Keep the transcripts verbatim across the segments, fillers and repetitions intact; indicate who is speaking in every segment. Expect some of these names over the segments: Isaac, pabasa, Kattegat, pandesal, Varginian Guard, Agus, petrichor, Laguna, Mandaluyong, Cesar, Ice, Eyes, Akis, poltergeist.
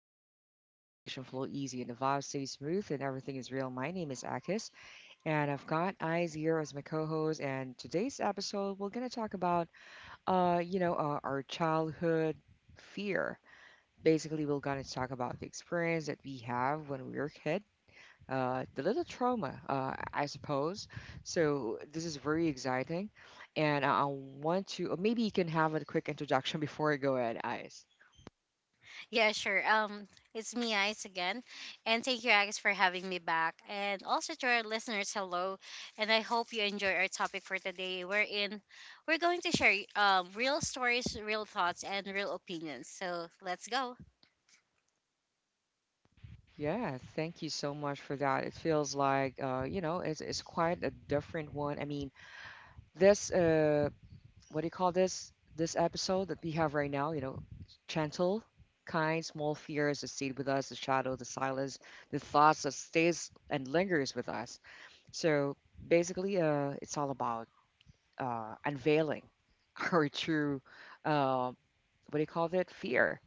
Speaker 1: a chill zone where conversation flow easy and the vibe stays smooth and everything is real. My name is Akis, and I've got Eyes here as my co-host. And today's episode, we're gonna talk about, uh, you know, uh, our childhood fear. Basically, we're gonna talk about the experience that we have when we were a kid, uh, the little trauma, uh, I suppose. So this is very exciting, and I I want to. Maybe you can have a quick introduction before I go ahead, Eyes.
Speaker 2: Yeah, sure. Um, it's me, Ice, again. And thank you, Agus, for having me back. And also to our listeners, hello. And I hope you enjoy our topic for today. We're in, we're going to share um, real stories, real thoughts, and real opinions. So let's go.
Speaker 1: Yeah, thank you so much for that. It feels like uh, you know, it's it's quite a different one. I mean, this uh what do you call this? This episode that we have right now, you know, gentle, kind, small fears that stayed with us, the shadow, the silence, the thoughts that stays and lingers with us. So basically, uh, it's all about uh unveiling our true uh what do you call that? Fear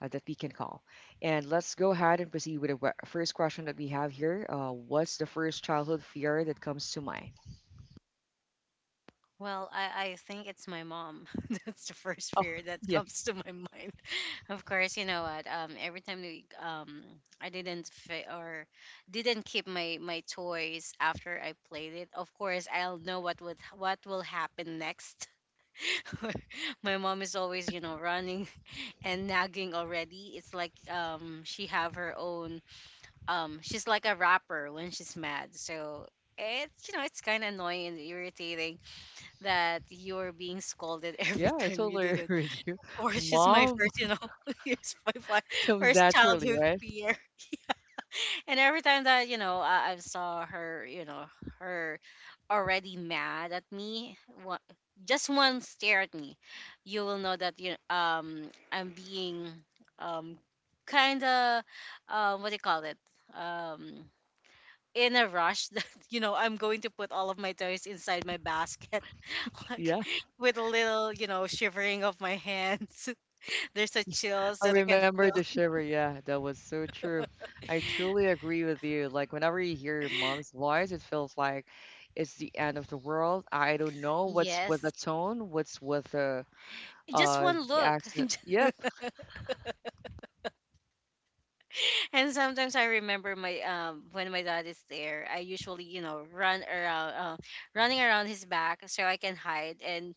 Speaker 1: uh, that we can call. And let's go ahead and proceed with the we- first question that we have here. Uh, what's the first childhood fear that comes to mind?
Speaker 2: Well, I, I think it's my mom. That's the first
Speaker 1: Oh,
Speaker 2: fear that
Speaker 1: yeah,
Speaker 2: comes to my mind. Of course, you know what? Um, every time we, um, I didn't fit or didn't keep my my toys after I played it. Of course, I'll know what would what will happen next. My mom is always, you know, running and nagging already. It's like um, she have her own. Um, she's like a rapper when she's mad. So it's, you know, it's kind of annoying and irritating that you're being scolded every
Speaker 1: yeah, I
Speaker 2: time you
Speaker 1: totally
Speaker 2: did it.
Speaker 1: agree with you.
Speaker 2: Of course, she's my
Speaker 1: Mom
Speaker 2: first, you know, she's my fi-
Speaker 1: comes
Speaker 2: first
Speaker 1: naturally,
Speaker 2: childhood
Speaker 1: right?
Speaker 2: peer. And every time that, you know, I, I saw her, you know, her already mad at me, one, just one stare at me, you will know that you um I'm being um kind of um what do you call it? Um in a rush that you know I'm going to put all of my toys inside my basket, like
Speaker 1: Yeah,
Speaker 2: with a little, you know, shivering of my hands. There's a chills
Speaker 1: I
Speaker 2: that I can
Speaker 1: remember the
Speaker 2: feel.
Speaker 1: shiver. Yeah, that was so true. I truly agree with you. Like, whenever you hear your mom's voice, it feels like it's the end of the world. I don't know what's with the
Speaker 2: Yes,
Speaker 1: tone, what's with the
Speaker 2: just
Speaker 1: uh
Speaker 2: one
Speaker 1: the
Speaker 2: look.
Speaker 1: accent. Yep.
Speaker 2: And sometimes I remember my um when my dad is there, I usually, you know, run around, uh, running around his back so I can hide, and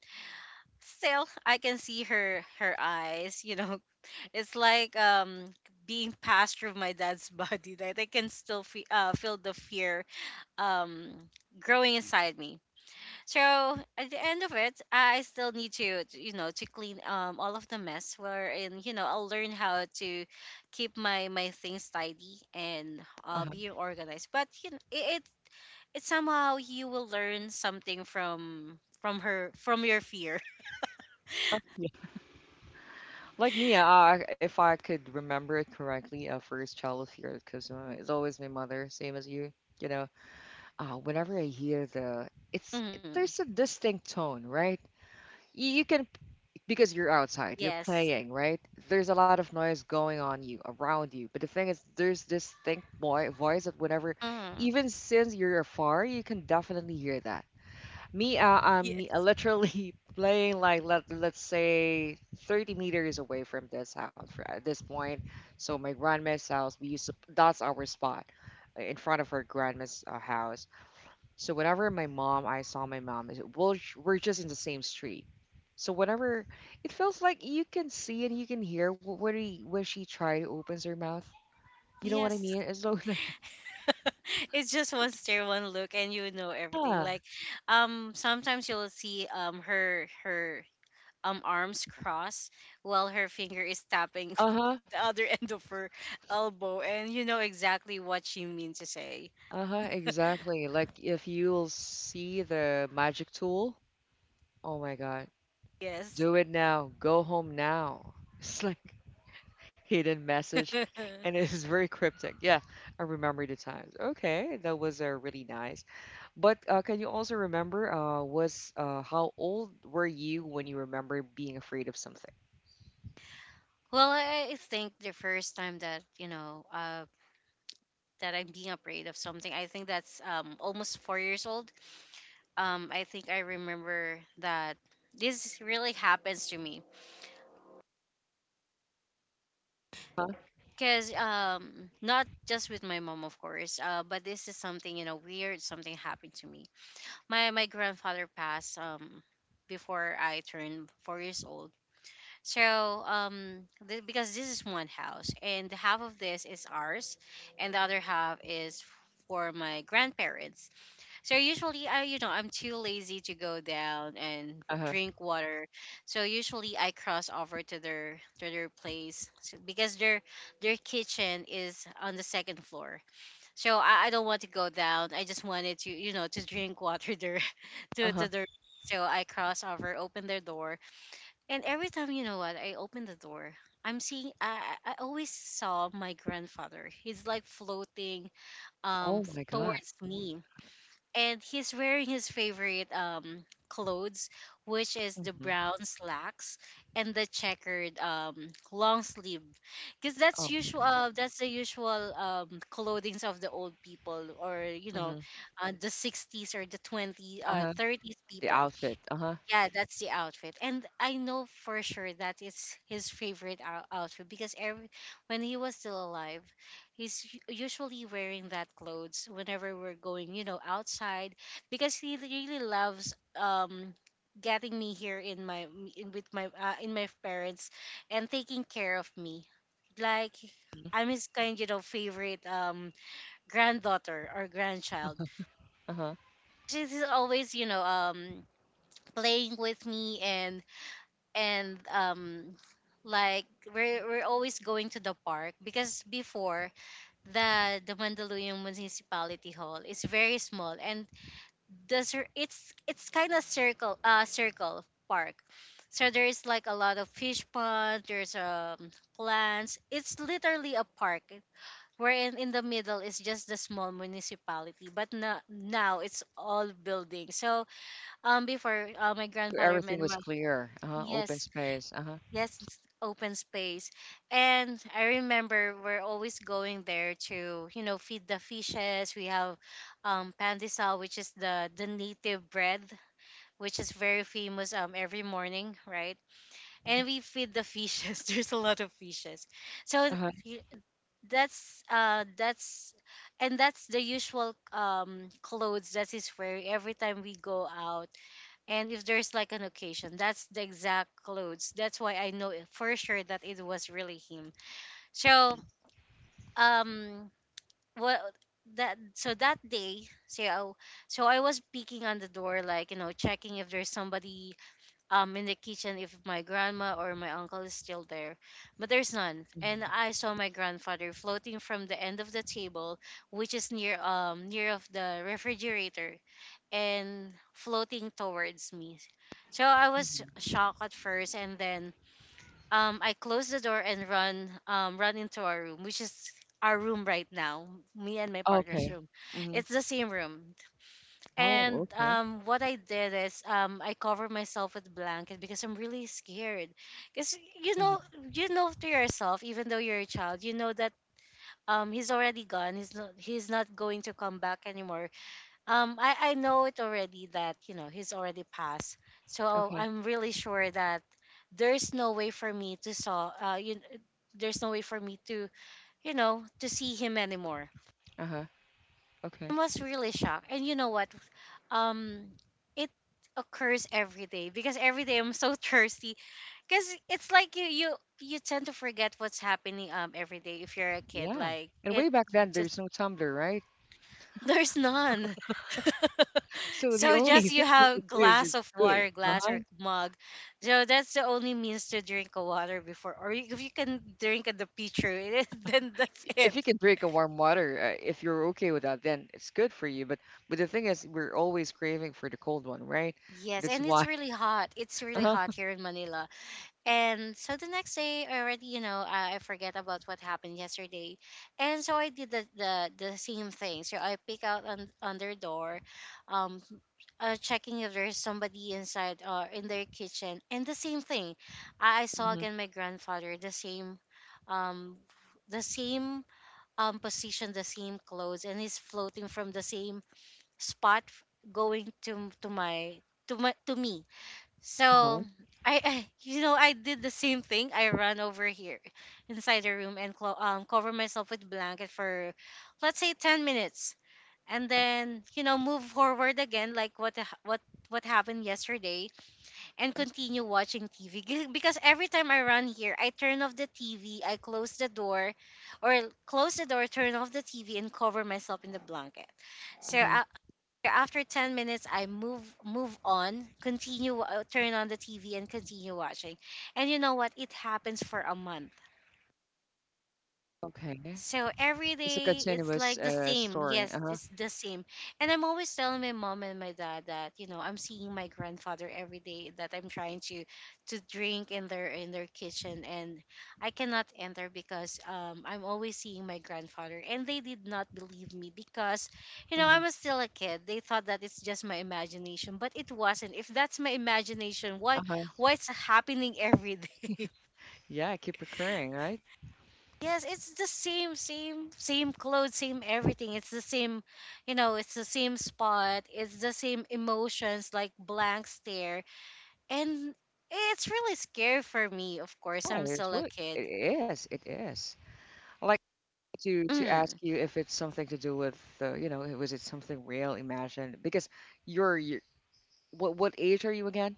Speaker 2: still I can see her her eyes, you know. It's like um being passed through my dad's body that I can still fe- uh, feel the fear um growing inside me. So at the end of it, I still need to to, you know, to clean um all of the mess, wherein, you know, I'll learn how to keep my my things tidy and uh
Speaker 1: Uh-huh.
Speaker 2: being organized. But you know it, it it's somehow you will learn something from from her, from your fear.
Speaker 1: Like me, uh, if I could remember it correctly, uh, first childhood fear, because uh, it's always my mother, same as you. You know, uh, whenever I hear the, it's it,
Speaker 2: Mhm.
Speaker 1: there's a distinct tone, right? You, you can because you're outside, you're
Speaker 2: Yes.
Speaker 1: playing, right? There's a lot of noise going on you around you, but the thing is, there's this distinct boy voice that whenever,
Speaker 2: Mhm.
Speaker 1: even since you're afar, you can definitely hear that. Me, uh, I'm me- uh,
Speaker 2: Yes.
Speaker 1: literally playing like let let's say thirty meters away from this house fr- at this point. So my grandma's house, we used to that's our spot uh, in front of her grandma's uh, house. So whenever my mom, I saw my mom, is- we'll, sh- we're just in the same street. So whenever it feels like you can see and you can hear wh- when he, when she try to opens her mouth. You know what I
Speaker 2: Yes.
Speaker 1: mean? It's so like,
Speaker 2: It's just one stare, one look, and you know everything.
Speaker 1: yeah,
Speaker 2: Like, um, sometimes you'll see um her her um arms crossed while her finger is tapping
Speaker 1: uh-huh.
Speaker 2: the other end of her elbow, and you know exactly what she means to say.
Speaker 1: Uh-huh, exactly. Like if you'll see the magic tool, oh my God,
Speaker 2: Yes.
Speaker 1: do it now, go home now. It's like hidden message
Speaker 2: Well,
Speaker 1: and it is very cryptic. Yeah, I remember the times. Okay, that was uh, really nice. But uh, can you also remember uh was uh how old were you when you remember being afraid of something?
Speaker 2: I, I think the first time that, you know, uh that I'm being afraid of something, I think that's um almost four years old. Um, I think I remember that this really happens to me.
Speaker 1: Huh?
Speaker 2: Because um, not just with my mom, of course, uh, but this is something, you know, weird. Something happened to me. My my grandfather passed um before I turned four years old. So um, th- because this is one house, and half of this is ours, and the other half is for my grandparents. So usually I, you know, I'm too lazy to go down and
Speaker 1: Uh-huh.
Speaker 2: drink water. So usually I cross over to their to their place, so, because their their kitchen is on the second floor. So I, I don't want to go down. I just wanted to, you know, to drink water there to
Speaker 1: Uh-huh.
Speaker 2: to their. So I cross over, open their door, and every time, you know what, I open the door, I'm seeing I I I always saw my grandfather. He's like floating um
Speaker 1: Oh my God.
Speaker 2: towards me, and he's wearing his favorite um clothes, which is the
Speaker 1: Mm-hmm.
Speaker 2: brown slacks and the checkered um long sleeve, because
Speaker 1: Oh
Speaker 2: that's
Speaker 1: my
Speaker 2: usual,
Speaker 1: God.
Speaker 2: uh, that's the usual um clothings of the old people, or you know,
Speaker 1: Mm-hmm.
Speaker 2: uh, the sixties or the twenties uh
Speaker 1: Uh-huh.
Speaker 2: thirties
Speaker 1: The
Speaker 2: people.
Speaker 1: outfit. Uh-huh.
Speaker 2: Yeah, that's the outfit. And I know for sure that it's his favorite ou- outfit, because every when he was still alive, he's u- usually wearing that clothes whenever we're going, you know, outside, because he really loves um getting me here in my, in, with my uh, in my parents, and taking care of me. Like,
Speaker 1: Mm-hmm.
Speaker 2: I'm his kind, you know, favorite um granddaughter or grandchild.
Speaker 1: Uh-huh.
Speaker 2: She's always, you know, um playing with me, and and um like we're we're always going to the park, because before, the the Mandaluyong municipality hall is very small, and the cir- it's it's kind of circle uh circle park, so there is like a lot of fish pond, there's um plants, it's literally a park, wherein in the middle is just the small municipality, but no, now it's all building. So um before uh, my
Speaker 1: So
Speaker 2: grandfather
Speaker 1: everything
Speaker 2: and
Speaker 1: was
Speaker 2: my
Speaker 1: clear. Uh-huh. Open
Speaker 2: yes.
Speaker 1: space. Uh-huh.
Speaker 2: Yes, it's open space. And I remember we're always going there to, you know, feed the fishes. We have um pandesal, which is the the native bread, which is very famous um every morning, right? And we feed the fishes. There's a lot of fishes. So
Speaker 1: Uh-huh.
Speaker 2: y- that's uh that's and that's the usual um clothes that is wearing every time we go out, and if there's like an occasion, that's the exact clothes. That's why I know it for sure that it was really him. So um what that so that day, so so I was peeking on the door, like, you know, checking if there's somebody um in the kitchen, if my grandma or my uncle is still there, but there's none. And
Speaker 1: Mhm,
Speaker 2: I saw my grandfather floating from the end of the table, which is near um near of the refrigerator, and floating towards me. So I was
Speaker 1: mhm.
Speaker 2: shocked at first, and then um I closed the door and run um run into our room, which is our room right now, me and my partner's
Speaker 1: Okay.
Speaker 2: room.
Speaker 1: Mm-hmm.
Speaker 2: It's the same room.
Speaker 1: Oh,
Speaker 2: And
Speaker 1: okay.
Speaker 2: um, what I did is, um, I covered myself with blanket because I'm really scared. Because you
Speaker 1: Hmm.
Speaker 2: know, you know to yourself, even though you're a child, you know that, um, he's already gone. He's not. He's not going to come back anymore. Um, I I know it already that, you know, he's already passed. So
Speaker 1: Okay.
Speaker 2: I'm really sure that there's no way for me to saw. Uh, you, there's no way for me to, you know, to see him anymore.
Speaker 1: Uh-huh.
Speaker 2: I
Speaker 1: Okay.
Speaker 2: was really shocked. And you know what? Um, it occurs every day, because every day I'm so thirsty. Because it's like you you you tend to forget what's happening um every day if you're a kid.
Speaker 1: Yeah.
Speaker 2: Like
Speaker 1: And way
Speaker 2: it
Speaker 1: back then,
Speaker 2: Just
Speaker 1: there's no tumbler, right?
Speaker 2: there's none.
Speaker 1: So the
Speaker 2: So
Speaker 1: only
Speaker 2: just
Speaker 1: thing
Speaker 2: you
Speaker 1: you can
Speaker 2: have
Speaker 1: do is just
Speaker 2: glass of
Speaker 1: do it.
Speaker 2: water, glass
Speaker 1: Uh-huh.
Speaker 2: or mug. So that's the only means to drink a water before, or if you can drink at the pitcher, then that's
Speaker 1: If
Speaker 2: it.
Speaker 1: you can drink a warm water, uh, if you're okay with that, then it's good for you. But but the thing is, we're always craving for the cold one, right?
Speaker 2: Yes,
Speaker 1: That's
Speaker 2: and
Speaker 1: why.
Speaker 2: it's really hot. It's really
Speaker 1: Uh-huh.
Speaker 2: hot here in Manila. And so the next day, I already, you know, I I forget about what happened yesterday. And so I did the, the, the same thing. So I pick out on, on their door, um, uh, checking if there's somebody inside or in their kitchen. And the same thing, I, I saw
Speaker 1: Hmm.
Speaker 2: again my grandfather, the same, um, the same um, position, the same clothes, and he's floating from the same spot, f- going to to my to my to me. So
Speaker 1: Uh-huh.
Speaker 2: I, I, you know, I did the same thing. I ran over here inside the room and clo- um, cover myself with blanket for, let's say, ten minutes, and then, you know, move forward again, like what ha- what what happened yesterday, and continue watching T V. Because every time I run here, I turn off the T V, I close the door, or close the door, turn off the T V, and cover myself in the blanket. So
Speaker 1: Hmm.
Speaker 2: I, after ten minutes, I move move on, continue, uh, turn on the T V and continue watching. And you know what? It happens for a month.
Speaker 1: Okay.
Speaker 2: So every
Speaker 1: It's a
Speaker 2: day it's
Speaker 1: continuous
Speaker 2: like the
Speaker 1: uh,
Speaker 2: same.
Speaker 1: story.
Speaker 2: Yes,
Speaker 1: Uh-huh.
Speaker 2: it's the same. And I'm always telling my mom and my dad that, you know, I'm seeing my grandfather every day, that I'm trying to to drink in their in their kitchen, and I cannot enter because um I'm always seeing my grandfather, and they did not believe me because, you know, I
Speaker 1: Hmm.
Speaker 2: was still a kid. They thought that it's just my imagination, but it wasn't. If that's my imagination, why
Speaker 1: Uh-huh.
Speaker 2: why it's happening every day?
Speaker 1: Yeah, keep recurring, right?
Speaker 2: Yes, it's the same, same, same clothes, same everything. It's the same, you know, it's the same spot, it's the same emotions, like blank stare. And it's really scary for me, of course. I'm
Speaker 1: Yeah, it's
Speaker 2: still a
Speaker 1: what it
Speaker 2: kid.
Speaker 1: is. It is. I like to to ask
Speaker 2: Mm.
Speaker 1: you if it's something to do with uh, you know, was it something real, imagined? Because you're, you what what age are you again?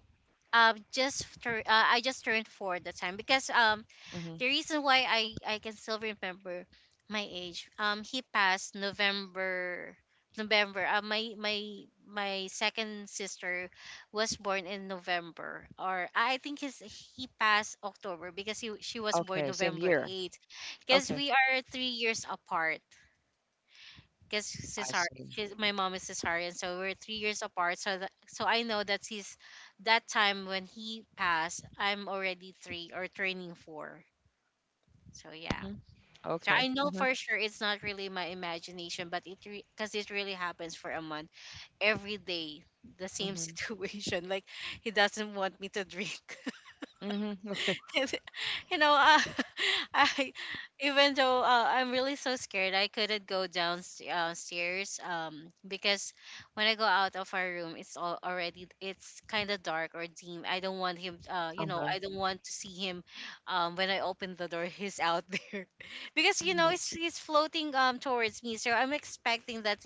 Speaker 2: Uh, just tur- uh, I just turned four at the time, because um
Speaker 1: Hmm.
Speaker 2: the reason why I I can still remember my age. Um, he passed November November. Uh, my my my second sister was born in November, or I think his he passed October, because he she was born
Speaker 1: Okay, same
Speaker 2: November
Speaker 1: year.
Speaker 2: eighth. Because
Speaker 1: Okay,
Speaker 2: we are three years apart. Because
Speaker 1: I
Speaker 2: Cesar,
Speaker 1: see.
Speaker 2: she's, my mom is Cesarian, so we're three years apart. So that, so I know that he's that time when he passed, I'm already three or turning four. So yeah.
Speaker 1: Hmm.
Speaker 2: So
Speaker 1: Okay.
Speaker 2: I know
Speaker 1: Hmm.
Speaker 2: for sure it's not really my imagination, but it because it really happens for a month every day, the same
Speaker 1: Hmm.
Speaker 2: situation. Like he doesn't want me to drink.
Speaker 1: Hmm. Okay.
Speaker 2: you know, uh, I even though uh, I'm really so scared, I couldn't go downstairs um because when I go out of our room, it's all already it's kind of dark or dim. I don't want him. Uh, you know,
Speaker 1: Uh-huh.
Speaker 2: I don't want to see him. Um, when I open the door, he's out there because you know
Speaker 1: Hmm.
Speaker 2: it's he's floating um towards me, so I'm expecting that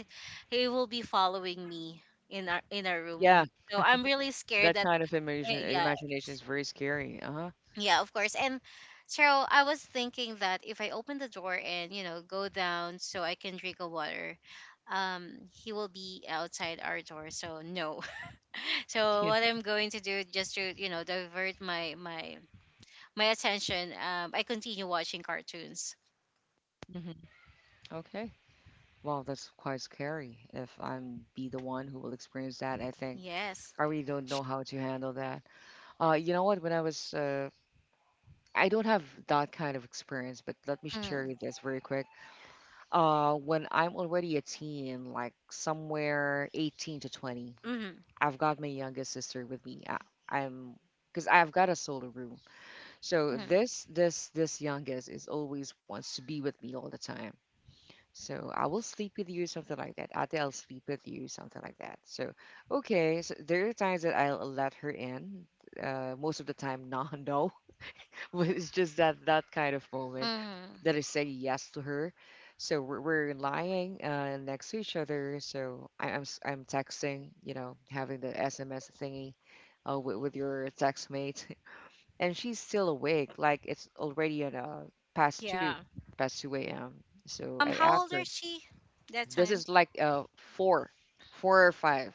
Speaker 2: he will be following me in our in our
Speaker 1: Yeah,
Speaker 2: room. So I'm really scared
Speaker 1: that
Speaker 2: that.
Speaker 1: kind of
Speaker 2: Eh,
Speaker 1: imagine
Speaker 2: yeah,
Speaker 1: imagination is very scary. Uh-huh.
Speaker 2: yeah, of course. And Cheryl, I was thinking that if I open the door and, you know, go down so I can drink a water, um, he will be outside our door. So no. So
Speaker 1: Yeah.
Speaker 2: what I'm going to do just to, you know, divert my my my attention, um, I continue watching cartoons.
Speaker 1: Hmm. Okay. Well, that's quite scary. If I'm be the one who will experience that, I think
Speaker 2: Yes.
Speaker 1: I really don't know how to handle that. Uh, you know what? When I was, uh, I don't have that kind of experience, but let me share you
Speaker 2: Mm.
Speaker 1: this very quick. Uh, when I'm already a teen, like somewhere eighteen to twenty,
Speaker 2: Mm-hmm.
Speaker 1: I've got my youngest sister with me. I, I'm because I've got a solo room. So
Speaker 2: Mm-hmm.
Speaker 1: this this this youngest is always wants to be with me all the time. So I will sleep with you, something like that. Ate, I'll sleep with you, something like that. So, okay, so there are times that I'll let her in. Uh, most of the time, no, no. But it's just that that kind of moment that
Speaker 2: Mm-hmm.
Speaker 1: I say yes to her. So we're, we're lying uh, next to each other. So I, I'm s- I'm texting, you know, having the S M S thingy uh, with, with your text mate, and she's still awake. Like it's already at uh, past two,
Speaker 2: Yeah.
Speaker 1: past two a m. So I
Speaker 2: Um, how
Speaker 1: asked
Speaker 2: old
Speaker 1: her
Speaker 2: is she that
Speaker 1: this
Speaker 2: time?
Speaker 1: is like uh four four or five.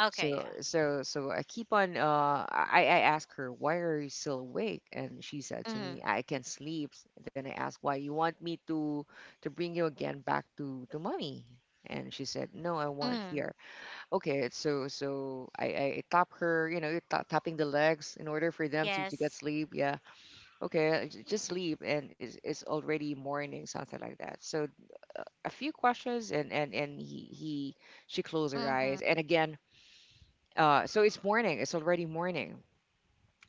Speaker 2: Okay,
Speaker 1: So
Speaker 2: yeah.
Speaker 1: so so I keep on uh I I ask her, why are you still awake? And she said to me,
Speaker 2: Mm-hmm.
Speaker 1: I can't sleep. Then I asked, why, you want me to to bring you again back to to mommy? And she said no, I want
Speaker 2: Mm-hmm.
Speaker 1: here. Okay, so so i i tap her, you know, ta- tapping the legs in order for them to to get
Speaker 2: Yes.
Speaker 1: sleep. Yeah, okay, j- just sleep and it's, it's already morning something like that. So a few questions and and and he he she closed her
Speaker 2: Mm-hmm.
Speaker 1: eyes and again. Uh so it's morning, it's already morning.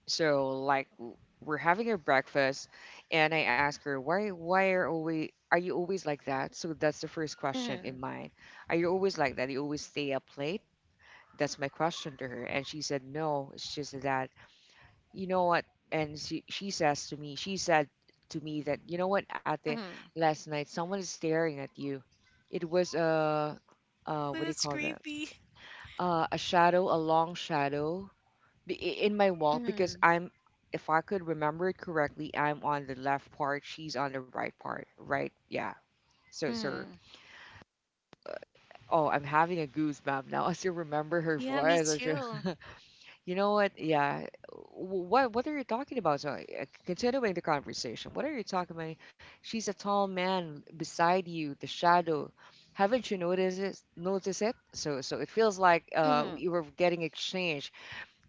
Speaker 1: So like w- we're having a breakfast and I ask her, why why are always are you always like that? So that's the first question
Speaker 2: Mm-hmm.
Speaker 1: in mind. Are you always like that, you always stay up late? That's my question to her. And she said no, it's just that you know what? And she, she says to me, she said to me that, you know what, Ate, last night someone is staring at you. It was a,
Speaker 2: But
Speaker 1: uh,
Speaker 2: that's
Speaker 1: what do you call that?
Speaker 2: creepy.
Speaker 1: Uh, a shadow, a long shadow b- i- in my wall
Speaker 2: Mm,
Speaker 1: because I'm, if I could remember it correctly, I'm on the left part, she's on the right part, right? Yeah. So,
Speaker 2: mm.
Speaker 1: sir, oh, I'm having a goosebump now. I still remember her
Speaker 2: Yeah, me
Speaker 1: voice.
Speaker 2: too.
Speaker 1: You know what? Yeah. W- What What are you talking about? So, uh, continuing the conversation, what are you talking about? She's a tall man beside you, the shadow. Haven't you noticed it? Notice it? So, so it feels like uh,
Speaker 2: Mm,
Speaker 1: you were getting exchanged.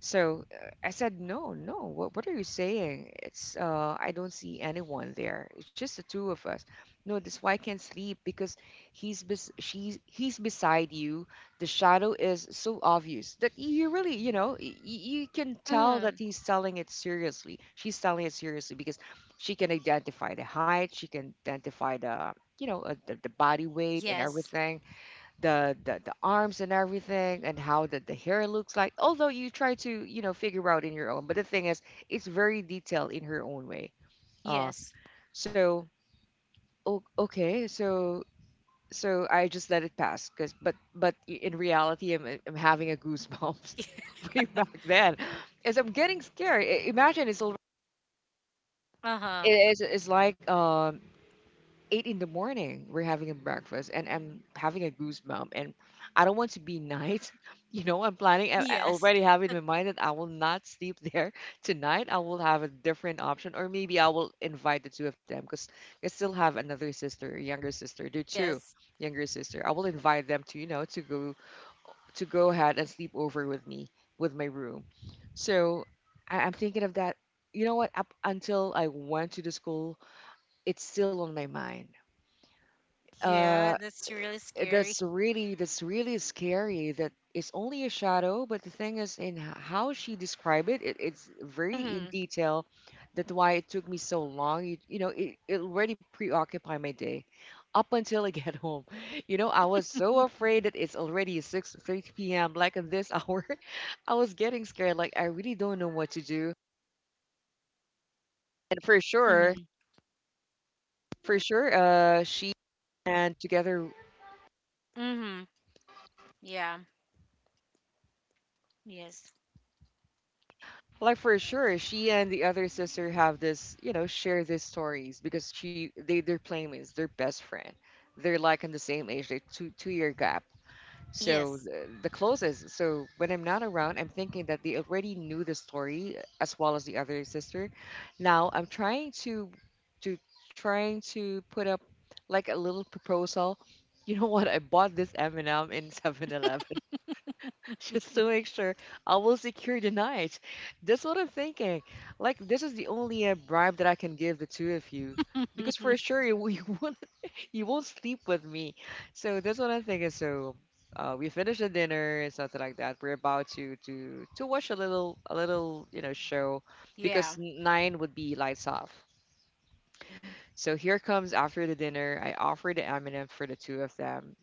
Speaker 1: So uh, I said, "No, no. What what are you saying? It's uh I don't see anyone there. It's just the two of us. No, this why I can't sleep because he's bes she's he's beside you. The shadow is so obvious that you really, you know, y- y- you can tell that
Speaker 2: mm.
Speaker 1: he's telling it seriously. She's telling it seriously because she can identify the height, she can identify the, you know, uh, the, the body weight and
Speaker 2: Yes,
Speaker 1: everything the the, the arms and everything and how the, the hair looks like, although you try to you know figure out in your own. But the thing is it's very detailed in her own way. uh
Speaker 2: yes.
Speaker 1: so o- okay, so so I just let it pass because but but i- in reality i'm, I'm having a goosebumps way back then as I'm getting scared. I- imagine it's al-
Speaker 2: Uh-huh.
Speaker 1: it is, it's like um eight in the morning we're having a breakfast and I'm having a goosebump and I don't want to be night. You know, i'm planning i, I
Speaker 2: Yes,
Speaker 1: already have in my mind that I will not sleep there tonight. I will have a different option, or maybe I will invite the two of them because I still have another sister, a younger sister. There are two
Speaker 2: yes.
Speaker 1: younger sister, I will invite them to, you know, to go to go ahead and sleep over with me with my room. So I, I'm thinking of that. You know what, up until I went to the school it's still on my mind.
Speaker 2: Yeah,
Speaker 1: uh,
Speaker 2: that's really scary.
Speaker 1: that's really that's really scary. That it's only a shadow, but the thing is, in h- how she described it, it, it's very in
Speaker 2: Mm-hmm.
Speaker 1: detail. That's why it took me so long. You, you know, it, it already preoccupied my day, up until I get home. You know, I was so afraid that it's already six thirty p m. Like at this hour, I was getting scared. Like I really don't know what to do. And for sure,
Speaker 2: Mm-hmm.
Speaker 1: for sure, uh, she and together.
Speaker 2: Mm-hmm. Yeah, yes.
Speaker 1: Like for sure, she and the other sister have this, you know, share these stories because she they they're playmates, they're best friend. They're like in the same age, they two two year gap. So
Speaker 2: Yes.
Speaker 1: the, the closest. So when I'm not around, I'm thinking that they already knew the story as well as the other sister. Now I'm trying to to trying to put up like a little proposal. You know what? I bought this M and M in Seven Eleven. Just to make sure I will secure the night. That's what I'm thinking. Like this is the only uh, bribe that I can give the two of you because for sure you, w- you won't you won't sleep with me. So that's what I'm thinking. So uh, we finish the dinner and something like that. We're about to to to watch a little a little you know show because
Speaker 2: Yeah,
Speaker 1: n- nine would be lights off. So here comes after the dinner. I offer the M and M for the two of them.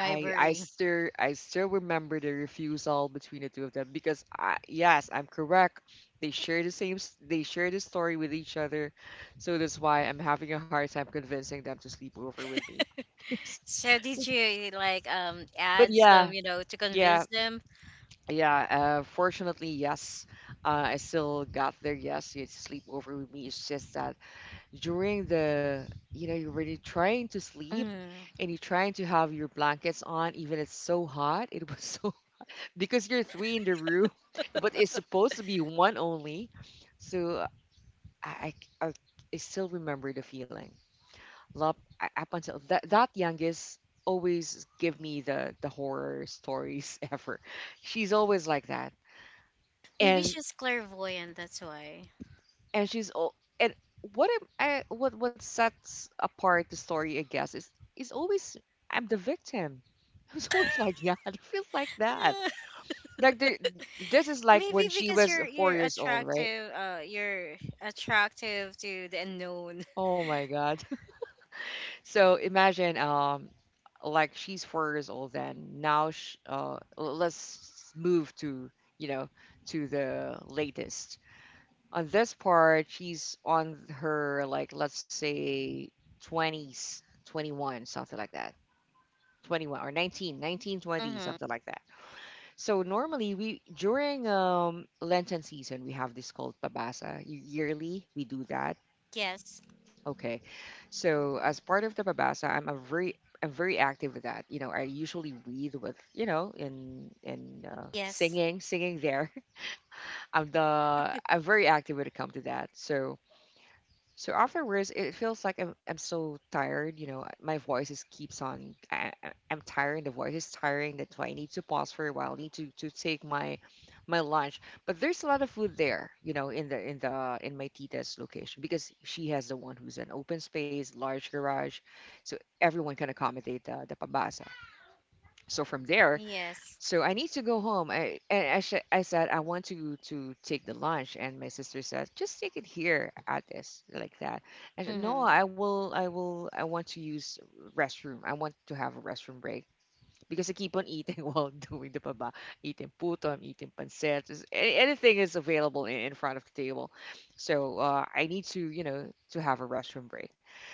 Speaker 1: I I still I still remember the refusal between the two of them because I, yes, I'm correct. They share the same s- they share the story with each other. So that's why I'm having a hard time convincing them to sleep over with me. Yes.
Speaker 2: So did you like um
Speaker 1: But
Speaker 2: add some,
Speaker 1: yeah,
Speaker 2: you know, to
Speaker 1: yeah,
Speaker 2: convince them?
Speaker 1: yeah, uh fortunately, yes. Uh I still got there. Yes, you sleep over with me. It's just that during the you know, you're really trying to sleep
Speaker 2: Mm.
Speaker 1: and you're trying to have your blankets on even it's so hot. It was so because you're three in the room, but it's supposed to be one only. So I, I, I I still remember the feeling. Lop, I- up until that, that youngest always give me the, the horror stories ever. She's always like that.
Speaker 2: Maybe
Speaker 1: And,
Speaker 2: she's clairvoyant, that's why.
Speaker 1: and she's, all and what am I, what, what sets apart the story, I guess, is, is always, I'm the victim. It's always like yeah, it feels like that. Like the, this is like when
Speaker 2: Maybe
Speaker 1: she
Speaker 2: because
Speaker 1: was
Speaker 2: you're
Speaker 1: four
Speaker 2: you're
Speaker 1: years old, right?
Speaker 2: attractive, uh, you're attractive to the unknown.
Speaker 1: Oh my God. So imagine, um, like she's four years old then. Now, sh uh, l- let's move to, you know, to the latest. On this part, she's on her, like, let's say twenties, twenty-one, something like that. twenty-one or nineteen, nineteen,
Speaker 2: Mm-hmm.
Speaker 1: twenty, something like that. So normally we during um Lenten season we have this called babasa. Yearly we do that.
Speaker 2: Yes.
Speaker 1: Okay. So as part of the babasa, I'm a very I'm very active with that. You know, I usually read with, you know, in in uh,
Speaker 2: Yes.
Speaker 1: singing, singing there. I'm the I'm very active when it comes to that. So so afterwards, it feels like I'm, I'm so tired. You know, my voice is keeps on. I, I- I'm tired. The voice is tiring. That's why I need to pause for a while. I need to, to take my my lunch. But there's a lot of food there. You know, in the in the in my tita's location because she has the one who's an open space, large garage, so everyone can accommodate the the pabasa. So from there,
Speaker 2: Yes.
Speaker 1: so I need to go home. I and I, sh- I said I want to to take the lunch, and my sister said just take it here at this like that. I said no,
Speaker 2: Mm-hmm.
Speaker 1: I will, I will, I want to use restroom. I want to have a restroom break because I keep on eating while doing the baba, eating puto, I'm eating pancit, just a- anything is available in, in front of the table. So uh, I need to you know to have a restroom break.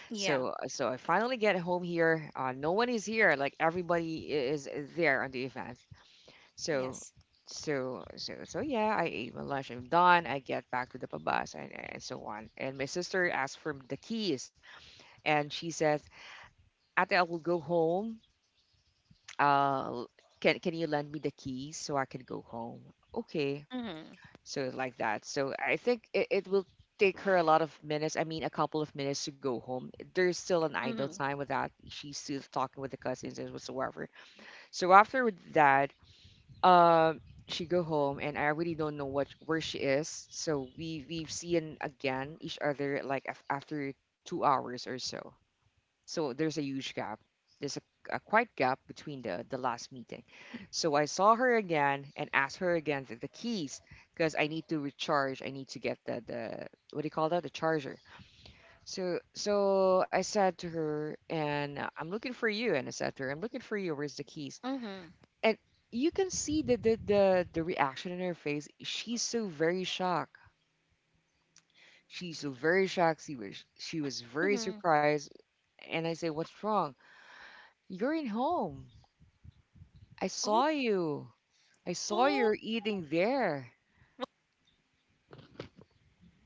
Speaker 1: So
Speaker 2: Yeah.
Speaker 1: uh, so I finally get home here. Uh, no one is here. Like everybody i- is there on the event so,
Speaker 2: Yes.
Speaker 1: so, so, so yeah, I ate my lunch. I'm done. I get back to the pabas and, and so on. And my sister asked for the keys, and she says, "Ate, I will go home. Uh, can can you lend me the keys so I can go home?" Okay,
Speaker 2: Mm-hmm.
Speaker 1: so like that. So I think it, it will take her a lot of minutes. I mean, a couple of minutes to go home. There's still an idle
Speaker 2: Mm-hmm.
Speaker 1: time with that. She's still talking with the cousins and whatsoever. So after with that, um she go home and I really don't know what where she is. So we we've seen again each other like af- after two hours or so. So there's a huge gap. There's a, a quite gap between the the last meeting. So I saw her again and asked her again for the keys because I need to recharge. I need to get the the what do you call that? The charger. So so I said to her and uh, I'm looking for you and I said to her I'm looking for you. Where's the keys?
Speaker 2: Mm-hmm.
Speaker 1: And you can see the the the, the reaction in her face. She's so very shocked. She's so very shocked. She was she was very
Speaker 2: Mm-hmm.
Speaker 1: surprised. And I say, "What's wrong? You're in home. I
Speaker 2: Oh,
Speaker 1: saw you. I saw
Speaker 2: oh,
Speaker 1: you're eating there.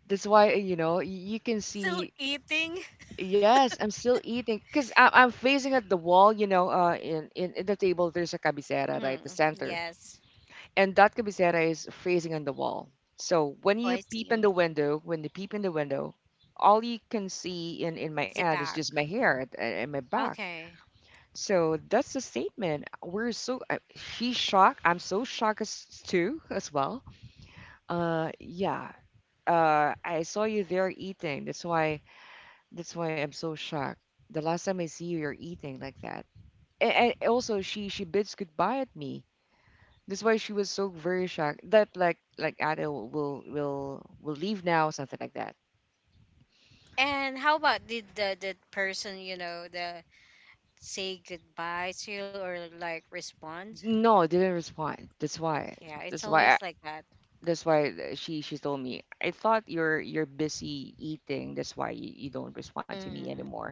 Speaker 1: That's why uh, you know y- you can
Speaker 2: still
Speaker 1: see."
Speaker 2: eating.
Speaker 1: Yes, I'm still eating because I'm facing at the wall, you know, uh, in, in in the table there's a cabecera, right, the
Speaker 2: Mm-hmm.
Speaker 1: center.
Speaker 2: Yes.
Speaker 1: And that cabecera is phrasing on the wall. So when
Speaker 2: Oh,
Speaker 1: you
Speaker 2: I
Speaker 1: peep
Speaker 2: see.
Speaker 1: in the window, when you peep in the window, all you can see in, in my
Speaker 2: The
Speaker 1: aunt is
Speaker 2: back.
Speaker 1: just my hair and, and my back.
Speaker 2: Okay.
Speaker 1: So that's the statement. We're so I- she's shocked. I'm so shocked as too as well. Uh, yeah. Uh, I saw you there eating. That's why. That's why I'm so shocked. The last time I see you, you're eating like that. And, and also, she she bids goodbye at me. That's why she was so very shocked that like like Ada will will will will leave now, something like that.
Speaker 2: And how about did the the person, you know the say goodbye to you or like respond?
Speaker 1: No, didn't respond. That's why.
Speaker 2: Yeah, it's
Speaker 1: That's why.
Speaker 2: always
Speaker 1: I,
Speaker 2: like that.
Speaker 1: that's why th- she she told me. I thought you're you're busy eating. That's why you, you don't respond to me
Speaker 2: Mm-hmm.
Speaker 1: anymore.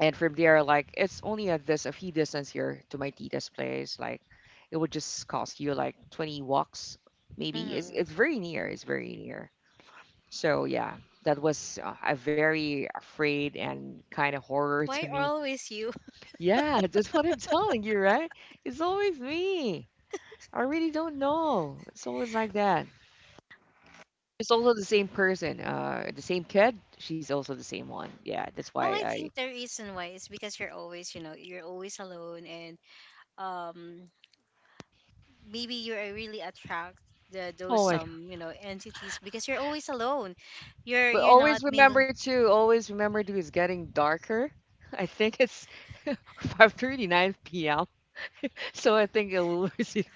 Speaker 1: And from there, like it's only a this a few distance here to my tita's place. Like it would just cost you like twenty walks, maybe. It's
Speaker 2: Mm-hmm.
Speaker 1: it's very near. It's very near. So yeah, that was uh, a very afraid and kind of horror to
Speaker 2: Why
Speaker 1: me.
Speaker 2: always you?
Speaker 1: Yeah, that's what I'm telling you, right? It's always me. I really don't know. It's always like that. It's also the same person, uh, the same kid. She's also the same one. Yeah, that's why
Speaker 2: Well, I
Speaker 1: I.
Speaker 2: think the reason why is because you're always, you know, you're always alone, and um, maybe you are really attract the those
Speaker 1: Oh my God.
Speaker 2: some, you know, entities because you're always alone. You're
Speaker 1: But
Speaker 2: you're not
Speaker 1: always remember
Speaker 2: mingling,
Speaker 1: to always remember to it's getting darker. I think it's five thirty-nine p m. So I think it will. Receive.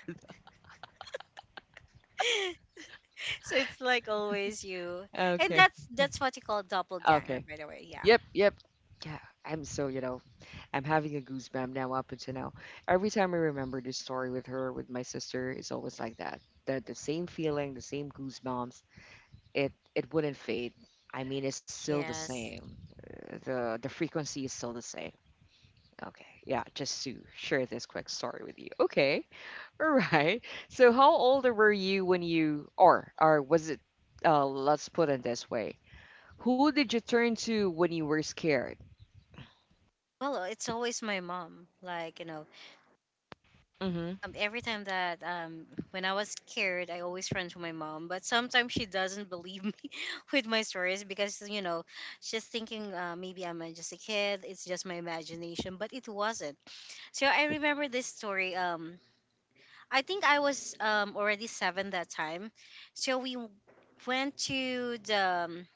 Speaker 2: so it's like always you, and
Speaker 1: Okay.
Speaker 2: that's that's what you call doppelganger,
Speaker 1: Okay.
Speaker 2: by the way. Yeah.
Speaker 1: Yep, yep. Yeah, I'm so, you know, I'm having a goosebump now up until now. Every time I remember this story with her, with my sister, it's always like that. The the same feeling, the same goosebumps. It it wouldn't fade. I mean, it's still the
Speaker 2: Yes.
Speaker 1: same. Uh, The the frequency is still the same. Okay, yeah, just to share this quick story with you. Okay, all right. So, how old were you when you, or or was it? Uh, let's put it this way. Who did you turn to when you were scared?
Speaker 2: Well, it's always my mom. Like, you know,
Speaker 1: Mm-hmm.
Speaker 2: um, every time that um, when I was scared, I always run to my mom. But sometimes she doesn't believe me with my stories because you know she's thinking, uh, maybe I'm, uh, just a kid. It's just my imagination, but it wasn't. So I remember this story. Um, I think I was, um, already seven that time. So we w- went to the, um,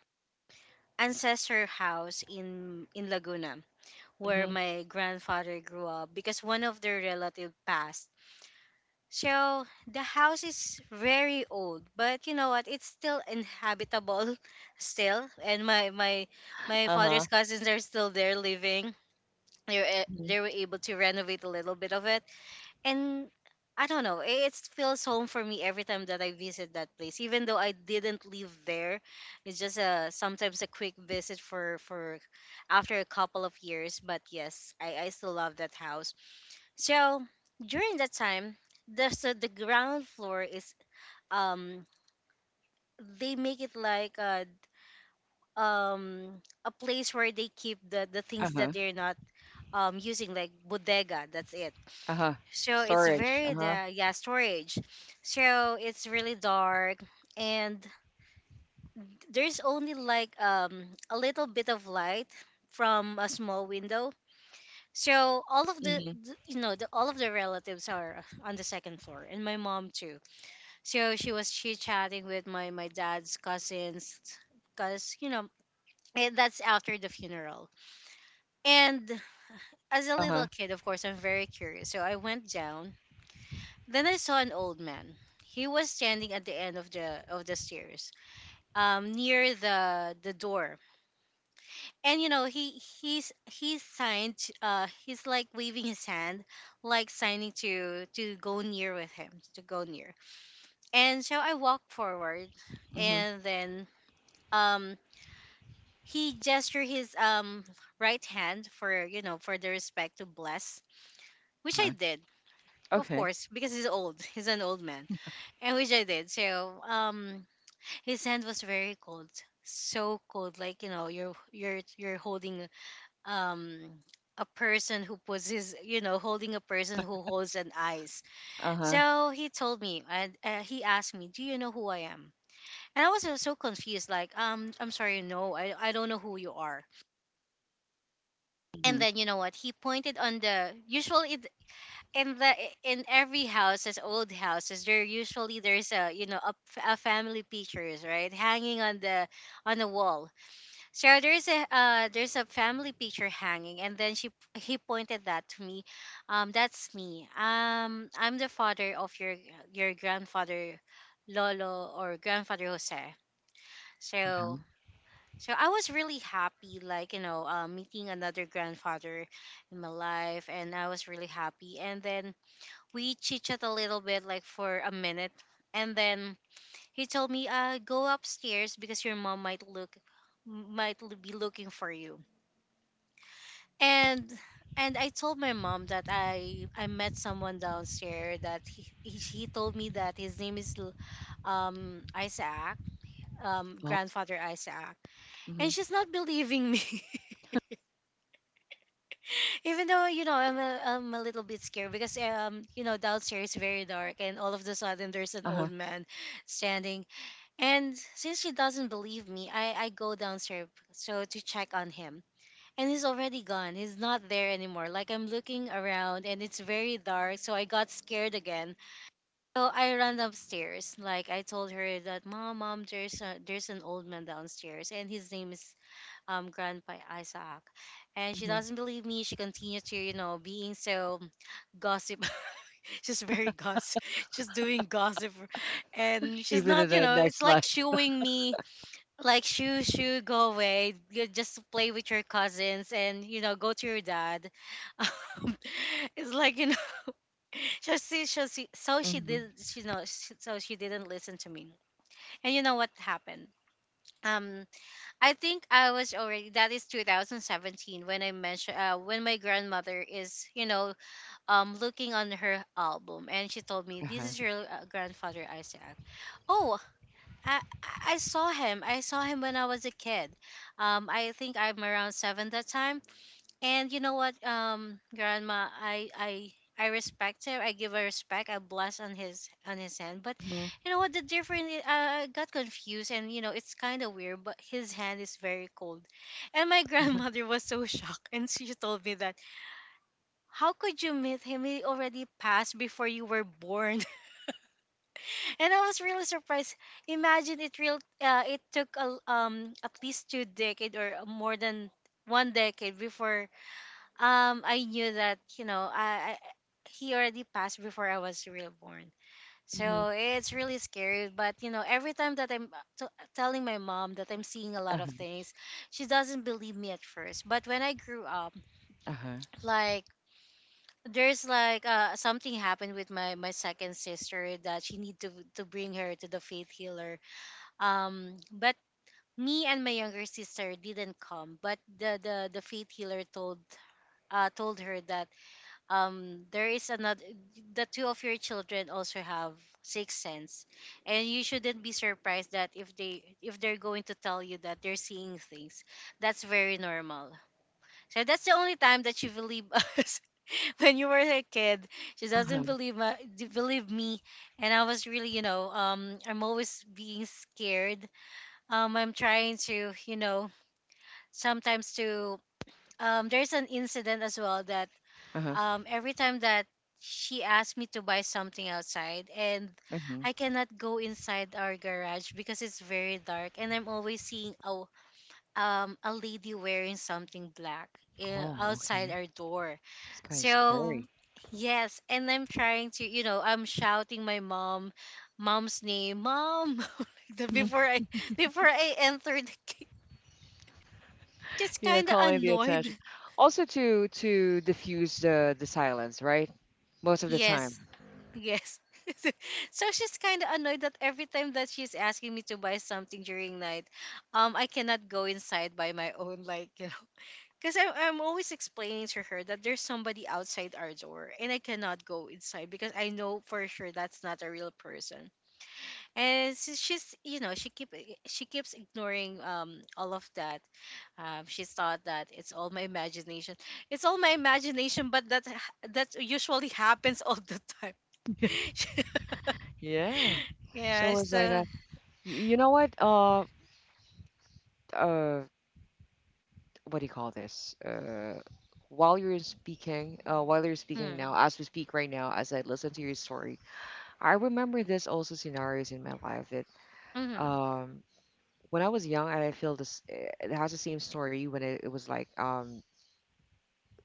Speaker 2: ancestor house in in Laguna where
Speaker 1: Mhm.
Speaker 2: my grandfather grew up because one of their relative passed. So the house is very old, but you know what? It's still inhabitable, still. And my my my
Speaker 1: Uh-huh.
Speaker 2: father's cousins are still there living. They were a- they
Speaker 1: Mhm.
Speaker 2: were able to renovate a little bit of it, and I don't know. i- It feels home for me every time that I visit that place, even though I didn't live there. It's just a sometimes a quick visit for for after a couple of years. But yes, I I still love that house. So during that time, the so the ground floor, is um they make it like a um a place where they keep the the things
Speaker 1: Uh-huh.
Speaker 2: that they're not um using, like bodega. That's it.
Speaker 1: Uh-huh.
Speaker 2: So it's
Speaker 1: Storage.
Speaker 2: very,
Speaker 1: Uh-huh.
Speaker 2: the yeah, storage. So it's really dark, and there's only, like, um a little bit of light from a small window. So all of the,
Speaker 1: Mhm.
Speaker 2: the you know the all of the relatives are on the second floor, and my mom too. So she was chit chatting with my my dad's cousins, cause, you know eh, that's after the funeral. And as a
Speaker 1: Uh-huh.
Speaker 2: little kid, of course, I'm very curious. So I went down. Then I saw an old man. He was standing at the end of the of the stairs, um, near the the door. And you know he he's he's signed. Uh, he's like waving his hand, like signing to to go near with him, to go near. And so I walked forward,
Speaker 1: Mhm.
Speaker 2: and then um he gestured his, um right hand for, you know for the respect to bless, which I
Speaker 1: Uh-huh.
Speaker 2: did, of
Speaker 1: Okay.
Speaker 2: course, because he's old he's an old man, and which I did. So, um his hand was very cold, so cold. Like, you know you're you're you're holding, um a person who possesses, you know holding a person who holds an ice.
Speaker 1: Uh-huh.
Speaker 2: So he told me, and, uh, he asked me, do you know who I am? And I was, uh, so confused. Like, um I'm sorry, no, i, I don't know who you are. And
Speaker 1: Mhm.
Speaker 2: then, you know what, he pointed on the, usually, it- in the in every houses, old houses, there usually there's a, you know a, f- a family pictures, right, hanging on the on the wall. So there's a uh, there's a family picture hanging, and then she he pointed that to me. Um that's me, um I'm the father of your your grandfather, Lolo, or Grandfather Jose. so
Speaker 1: Uh-huh.
Speaker 2: so I was really happy, like, you know, uh, meeting another grandfather in my life. And I was really happy. And then we chit chat a little bit, like, for a minute. And then he told me, uh, go upstairs because your mom might look, might l- be looking for you. And and I told my mom that I I met someone downstairs, that he he, he told me that his name is L- um Isaac um
Speaker 1: Well.
Speaker 2: Grandfather Isaac, and
Speaker 1: Mhm.
Speaker 2: she's not believing me. Even though, you know I'm a, I'm a little bit scared, because, um you know downstairs is very dark and all of the sudden there's an old
Speaker 1: Uh-huh.
Speaker 2: man standing. And since she doesn't believe me, I I go downstairs so to check on him. And he's already gone, he's not there anymore. Like, I'm looking around and it's very dark, so I got scared again. So I ran upstairs. Like, I told her that, mom, mom, there's a, there's an old man downstairs, and his name is, um, Grandpa Isaac. And she
Speaker 1: Mhm.
Speaker 2: doesn't believe me. She continues to, you know, being so gossip. She's very gossip. She's doing gossip. And she's
Speaker 1: Even in
Speaker 2: not, you
Speaker 1: the
Speaker 2: know, it's
Speaker 1: next
Speaker 2: like
Speaker 1: life.
Speaker 2: shooing me, like, shoo, shoo, go away. You Just play with your cousins and, you know, go to your dad. Um, it's like, you know, so she, so she, so she
Speaker 1: Mhm.
Speaker 2: did, you know, so she didn't listen to me. And you know what happened? Um, I think I was already, that is, twenty seventeen when I mentioned, uh, when my grandmother is, you know um looking on her album, and she told me, this
Speaker 1: Uh-huh.
Speaker 2: is your, uh, Grandfather Isaac. Oh, I I I saw him. I saw him when I was a kid. Um, I think I'm around seven that time. And you know what, um, grandma, I I I respect him. I give a respect. I bless on his on his hand. But
Speaker 1: Mhm.
Speaker 2: you know what, the different uh, I got confused, and, you know it's kind of weird. But his hand is very cold, and my grandmother was so shocked, and she told me that, how could you meet him? He already passed before you were born, and I was really surprised. Imagine it real. Uh, it took, a, um at least two decade or more than one decade before, um, I knew that, you know I, I he already passed before I was real born.
Speaker 1: Mhm.
Speaker 2: So it's really scary. But, you know, every time that I'm, uh, t- telling my mom that I'm seeing a lot of
Speaker 1: Uh-huh.
Speaker 2: things, she doesn't believe me at first. But when I grew up,
Speaker 1: Uh-huh.
Speaker 2: like, there's like uh, something happened with my my second sister, that she need to to bring her to the faith healer. Um, but me and my younger sister didn't come, but the the the faith healer told uh told her that, um there is, another the two of your children also have sixth sense, and you shouldn't be surprised that if they if they're going to tell you that they're seeing things, that's very normal. So that's the only time that she believed us. When you were a kid, she
Speaker 1: Uh-huh.
Speaker 2: doesn't believe my, believe me. And I was really, you know um I'm always being scared. um I'm trying to, you know sometimes to, um there's an incident as well that,
Speaker 1: Uh-huh.
Speaker 2: um, every time that she asks me to buy something outside, and
Speaker 1: Mhm.
Speaker 2: I cannot go inside our garage because it's very dark and I'm always seeing a um a lady wearing something black, eh,
Speaker 1: Oh,
Speaker 2: outside
Speaker 1: okay.
Speaker 2: our door.
Speaker 1: It's kind of
Speaker 2: So
Speaker 1: scary.
Speaker 2: yes, and I'm trying to, you know, I'm shouting my mom mom's name, mom like that
Speaker 1: Mhm.
Speaker 2: before I before I enter the ca- just
Speaker 1: You know,
Speaker 2: kind of
Speaker 1: calling the
Speaker 2: annoyed.
Speaker 1: attention. Also to to diffuse the the silence, right? Most of the time.
Speaker 2: Yes. Yes. So she's kind of annoyed that every time that she's asking me to buy something during night, um, I cannot go inside by my own, like, you know. Because I'm, I'm always explaining to her that there's somebody outside our door and I cannot go inside because I know for sure that's not a real person. And s- she's, you know, she keep she keeps ignoring um all of that. Um, she's thought that it's all my imagination. It's all my imagination, but that that usually happens all the time.
Speaker 1: Yeah.
Speaker 2: Yeah,
Speaker 1: So it's like
Speaker 2: so
Speaker 1: that. Y- you know what? Uh, uh, what do you call this? Uh, while you're speaking, uh, while you're speaking
Speaker 2: mm,
Speaker 1: now, as we speak right now, as I listen to your story, I remember this also scenarios in my life that
Speaker 2: mm,
Speaker 1: um, when I was young, I feel this. eh, It has the same story when it, it was like um,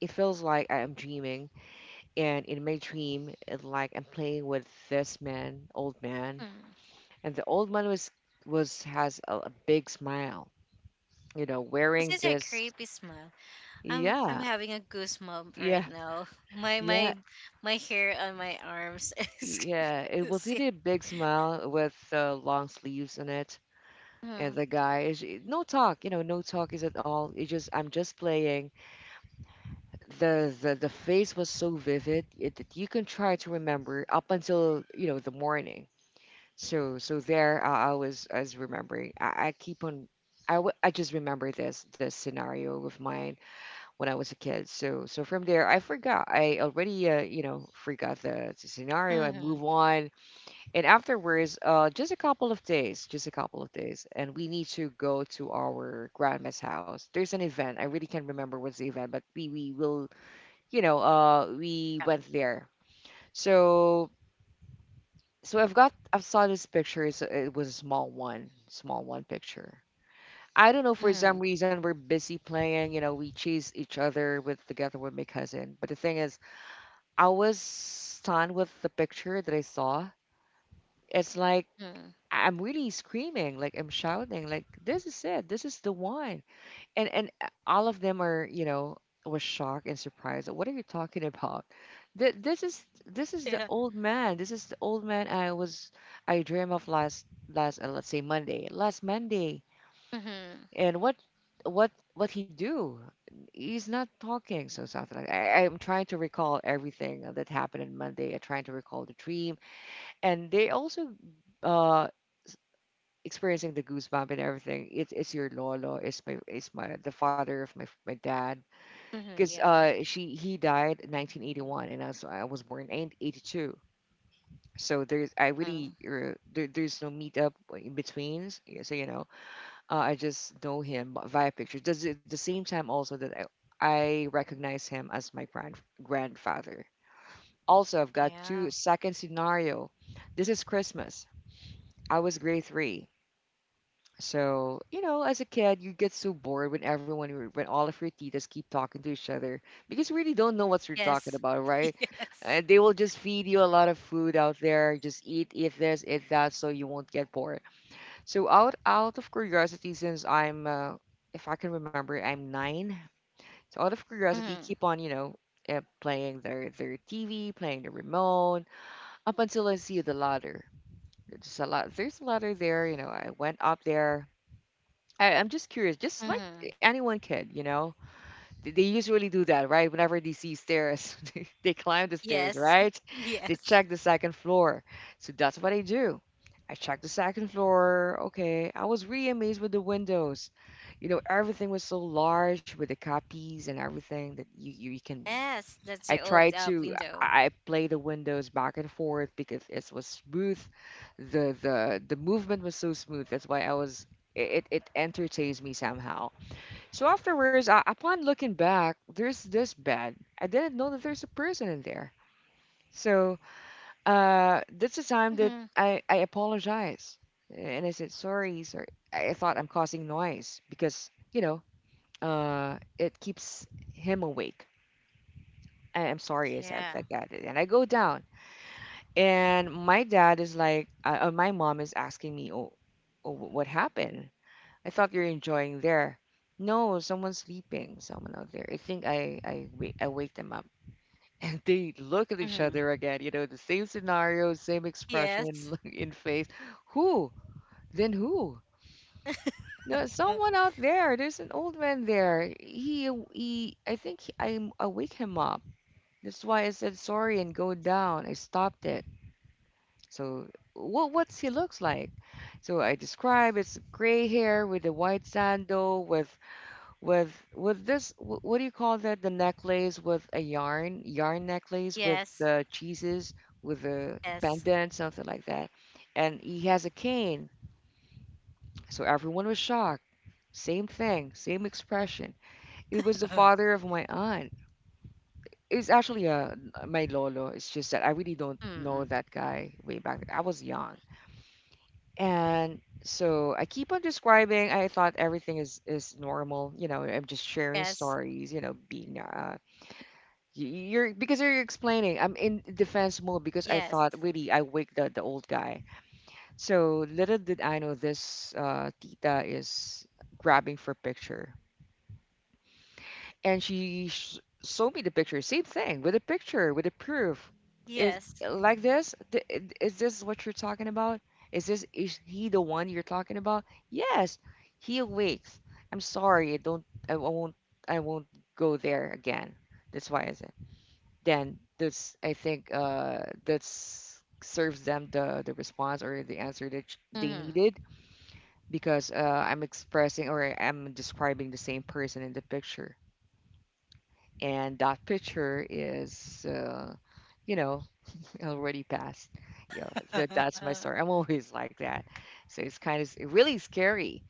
Speaker 1: it feels like I am dreaming, and in my dream, it, like I'm playing with this man, old man,
Speaker 2: mm.
Speaker 1: and the old man was was has a, a, big smile, you know,
Speaker 2: This
Speaker 1: wearing
Speaker 2: is a
Speaker 1: this.
Speaker 2: creepy smile. I'm I'm
Speaker 1: Yeah,
Speaker 2: having a goosebump
Speaker 1: yeah,
Speaker 2: right now. My
Speaker 1: yeah.
Speaker 2: my my hair on my arms is
Speaker 1: Yeah, it was
Speaker 2: is-
Speaker 1: really a big smile with uh, long sleeves on it.
Speaker 2: mm,
Speaker 1: And the guy is no talk, you know, no talk is at all. It just I'm just playing. The the the face was so vivid it, that you can try to remember up until you know the morning. So so there I, I was I was remembering. I, I keep on. I, w- I just remember this this scenario of mine when I was a kid. So so from there I forgot. I already uh, you know forgot the, the scenario. I
Speaker 2: mm,
Speaker 1: move on. And afterwards, uh, just a couple of days, just a couple of days, and we need to go to our grandma's house. There's an event. I really can't remember what's the event, but we we will, you know, uh, we
Speaker 2: mm-hmm, yeah.
Speaker 1: went there. So so I've got I've saw this picture. It's, it was a small one, small one picture. I don't know, for
Speaker 2: Mm,
Speaker 1: some reason we're busy playing. You know, we chase each other with together with my cousin. But the thing is, I was stunned with the picture that I saw. It's like
Speaker 2: mm,
Speaker 1: I'm really screaming, like I'm shouting, like this is it, this is the one. And and uh, all of them are, you know, was shocked and surprised. What are you talking about? Th- This is this is the
Speaker 2: yeah.
Speaker 1: old man. This is the old man I was I dream of last last uh, let's say Monday, last Monday.
Speaker 2: Mm-hmm,
Speaker 1: And what what what he do? He's not talking, so something like I, I'm trying to recall everything that happened on Monday. I'm trying to recall the dream, and they also uh experiencing the goosebump and everything. It's it's your lolo. It's my it's my the father of my my dad.
Speaker 2: mm-hmm,
Speaker 1: Cause
Speaker 2: yeah.
Speaker 1: uh she he died in nineteen eighty-one and I was I was born in eighty-two. So there's I
Speaker 2: Mm,
Speaker 1: really uh, there, there's no meetup in betweens. Yeah. So you know, uh, I just know him b- via pictures. Does at the same time also that I I recognize him as my grand grandfather. Also I've got
Speaker 2: yeah.
Speaker 1: two second scenario. This is Christmas. I was grade three. So, you know, as a kid, you get so bored when everyone, your- when all of your titas keep talking to each other, because you really don't know what you're talking
Speaker 2: Yes.
Speaker 1: about, right?
Speaker 2: Yes.
Speaker 1: And they will just feed you a lot of food out there. Just eat, eat this, eat that, so you won't get bored. So, out out of curiosity, since I'm, uh, if I can remember, I'm nine. So, out of curiosity,
Speaker 2: Mm,
Speaker 1: keep on, you know, uh, playing their their T V, playing the remote, up until I see the ladder. There's a lot. There's a ladder there. You know, I went up there. I, I'm just curious, just like
Speaker 2: mm,
Speaker 1: anyone can, you know, they, they usually do that, right? Whenever they see stairs, they, they climb the stairs,
Speaker 2: yes.
Speaker 1: right? They
Speaker 2: Yes.
Speaker 1: check the second floor. So that's what I do. I checked the second floor. Okay. I was really amazed with the windows. You know, everything was so large with the copies and everything that you, you, you can
Speaker 2: Yes. That's
Speaker 1: I
Speaker 2: the old
Speaker 1: tried
Speaker 2: uh,
Speaker 1: to
Speaker 2: window.
Speaker 1: I play the windows back and forth because it was smooth. The the the movement was so smooth. That's why I was it it entertains me somehow. So afterwards, uh, upon looking back, there's this bed. I didn't know that there's a person in there. So uh, that's the time that
Speaker 2: Mm-hmm.
Speaker 1: I I apologize and I said sorry, sorry. I I thought I'm causing noise because you know, uh, it keeps him awake. I- I'm sorry, I said
Speaker 2: Yeah.
Speaker 1: like that, and I go down. And my dad is like, uh, uh, my mom is asking me, oh, oh, what happened? I thought you're enjoying there. No, someone's sleeping, someone out there. I think I, I, wake, I wake them up. And they look at each
Speaker 2: Mm-hmm.
Speaker 1: other again, you know, the same scenario, same expression in,
Speaker 2: Yes.
Speaker 1: look- in face. Who? Then who? No,
Speaker 2: Uh,
Speaker 1: someone out there. There's an old man there. He, he I think he, I, I wake him up. That's why I said sorry and go down. I stopped it. So what what's he looks like? So I describe it's gray hair with the white sandal with with with this wh- what do you call that? The necklace with a yarn yarn necklace with
Speaker 2: Yes.
Speaker 1: the cheeses with the
Speaker 2: Yes.
Speaker 1: pendant, something like that, and he has a cane. So everyone was shocked. Same thing, same expression. It was the father of my aunt. It's actually a my lolo. It's just that I really don't know
Speaker 2: Mm.
Speaker 1: that guy way back. I was young. And so I keep on describing. I thought everything is is normal. You know, I'm just sharing
Speaker 2: Yes.
Speaker 1: stories. You know, being uh, y- you're because you're explaining. I'm in defense mode because I
Speaker 2: Yes.
Speaker 1: thought really I waked the the old guy. So little did I know this uh, tita is grabbing for picture, and she sh- showed me the picture. Same thing with a picture, with a proof. Is
Speaker 2: Yes.
Speaker 1: like this? Th- i- Is this what you're talking about? Is this is he the one you're talking about? Yes, he awakes. I'm sorry, I don't, I won't, I won't go there again. That's why I said. Then this, I think, uh, that's serves them the the response or the answer that sh- they
Speaker 2: Mm-hmm.
Speaker 1: needed, because uh, I'm expressing or I'm describing the same person in the picture, and that picture is, uh, you know already passed. Yeah, that, that's my story. I'm always like that. So it's kind of really scary.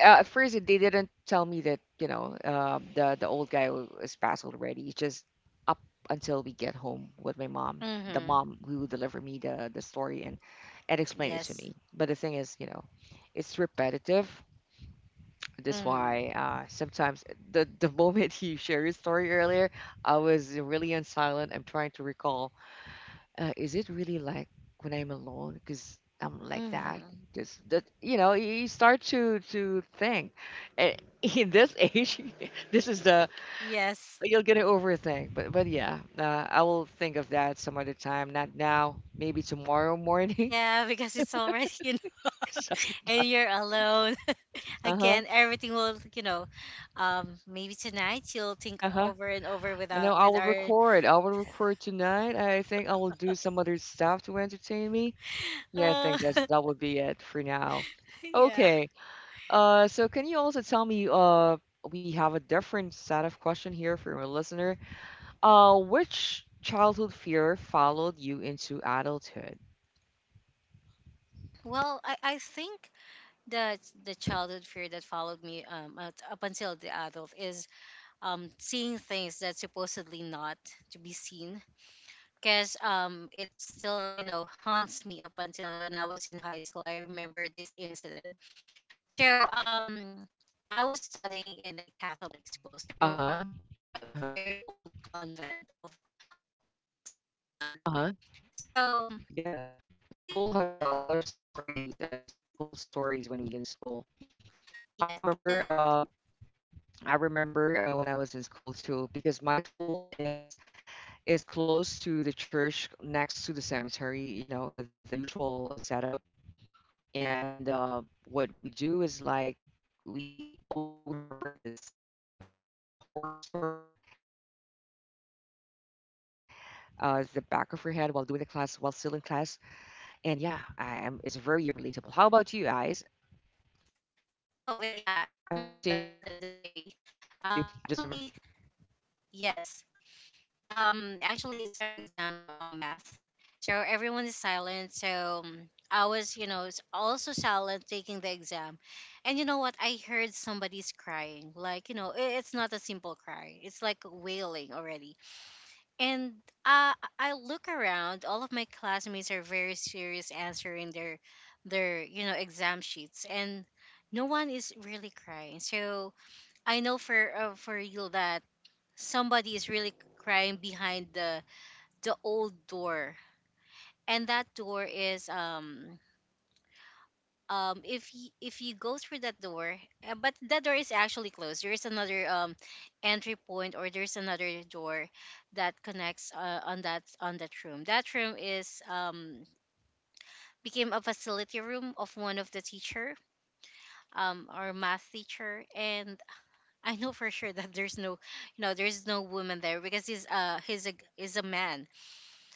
Speaker 1: uh, at first they didn't tell me that, you know, uh, the the old guy was passed already. It's just up until we get home with my mom, the
Speaker 2: Mm-hmm.
Speaker 1: mom who delivered me the the story and and explained it to
Speaker 2: Yes.
Speaker 1: me. But the thing is, you know, it's repetitive. That's
Speaker 2: Mm-hmm.
Speaker 1: why, uh, sometimes the the moment you share your story earlier, I was really on silent. I'm trying to recall. Uh, is it really like when I'm alone? Because I'm like that.
Speaker 2: Mm-hmm.
Speaker 1: Just that you know, you you start to to think. And in this age, this is the
Speaker 2: Yes.
Speaker 1: you're gonna overthink. But but yeah, uh, I will think of that some other time. Not now. Maybe tomorrow morning.
Speaker 2: Yeah, because it's already in, and you're alone.
Speaker 1: Uh huh.
Speaker 2: Again, everything will, you know, um, maybe tonight you'll think
Speaker 1: Uh huh.
Speaker 2: over and over with
Speaker 1: I know
Speaker 2: our,
Speaker 1: I
Speaker 2: with
Speaker 1: will
Speaker 2: our,
Speaker 1: record. I will record tonight. I think I will do some other stuff to entertain me. Yeah, I
Speaker 2: uh,
Speaker 1: think that's that would be it for now.
Speaker 2: yeah.
Speaker 1: Okay. Uh, so can you also tell me? Uh, we have a different set of question here from a listener. Uh, which childhood fear followed you into adulthood?
Speaker 2: Well, I, I think that the childhood fear that followed me um, out- up until the adult is um, seeing things that supposedly not to be seen. Because um, it still, you know, haunts me up until when I was in high school. I remember this incident. So um, I was studying in a Catholic school. So
Speaker 1: Uh-huh.
Speaker 2: our room is a
Speaker 1: Uh-huh.
Speaker 2: very old convent of of priests and
Speaker 1: Uh-huh.
Speaker 2: nuns. So
Speaker 1: Yeah. School
Speaker 2: everything is
Speaker 1: has a lot
Speaker 2: silent.
Speaker 1: of stories, uh, untold stories when we in school. I
Speaker 2: Yes,
Speaker 1: remember.
Speaker 2: and
Speaker 1: Uh, I remember uh, when I was in school too, because my school is is close to the church, next to the cemetery. You know, uh, the usual uh, setup. And uh, what we do is like we always remember this uh, s- horror story uh, the back of your head while doing the class, while still in class. And yeah, I am. It's very relatable. How about you guys?
Speaker 2: oh, but yeah,
Speaker 1: I'm
Speaker 2: I
Speaker 1: sorry to
Speaker 2: remember that
Speaker 1: interrupt you.
Speaker 2: the, the
Speaker 1: I
Speaker 2: day.
Speaker 1: just remember.
Speaker 2: Um, actually, yes. Um actually, it's our exam, um, math, so everyone is silent, so um, I was, you know, s- also silent taking the exam, and you know what? I heard somebody's crying, like, you know, i- it's not a simple cry, it's like wailing already. And uh, I look around, all of my classmates are very serious answering their their you know exam sheets, and no one is really crying. So I know for uh, for you that somebody is really crying behind the the old door, and that door is um um if y- if you go through that door, uh, but that door is actually closed, there is another um entry point, or there's another door that connects uh, on that on that room. That room is um became a facility room of one of the teacher, um our math teacher. And I know for sure that there's no, you know, there's no woman there because he's uh he's a is a man.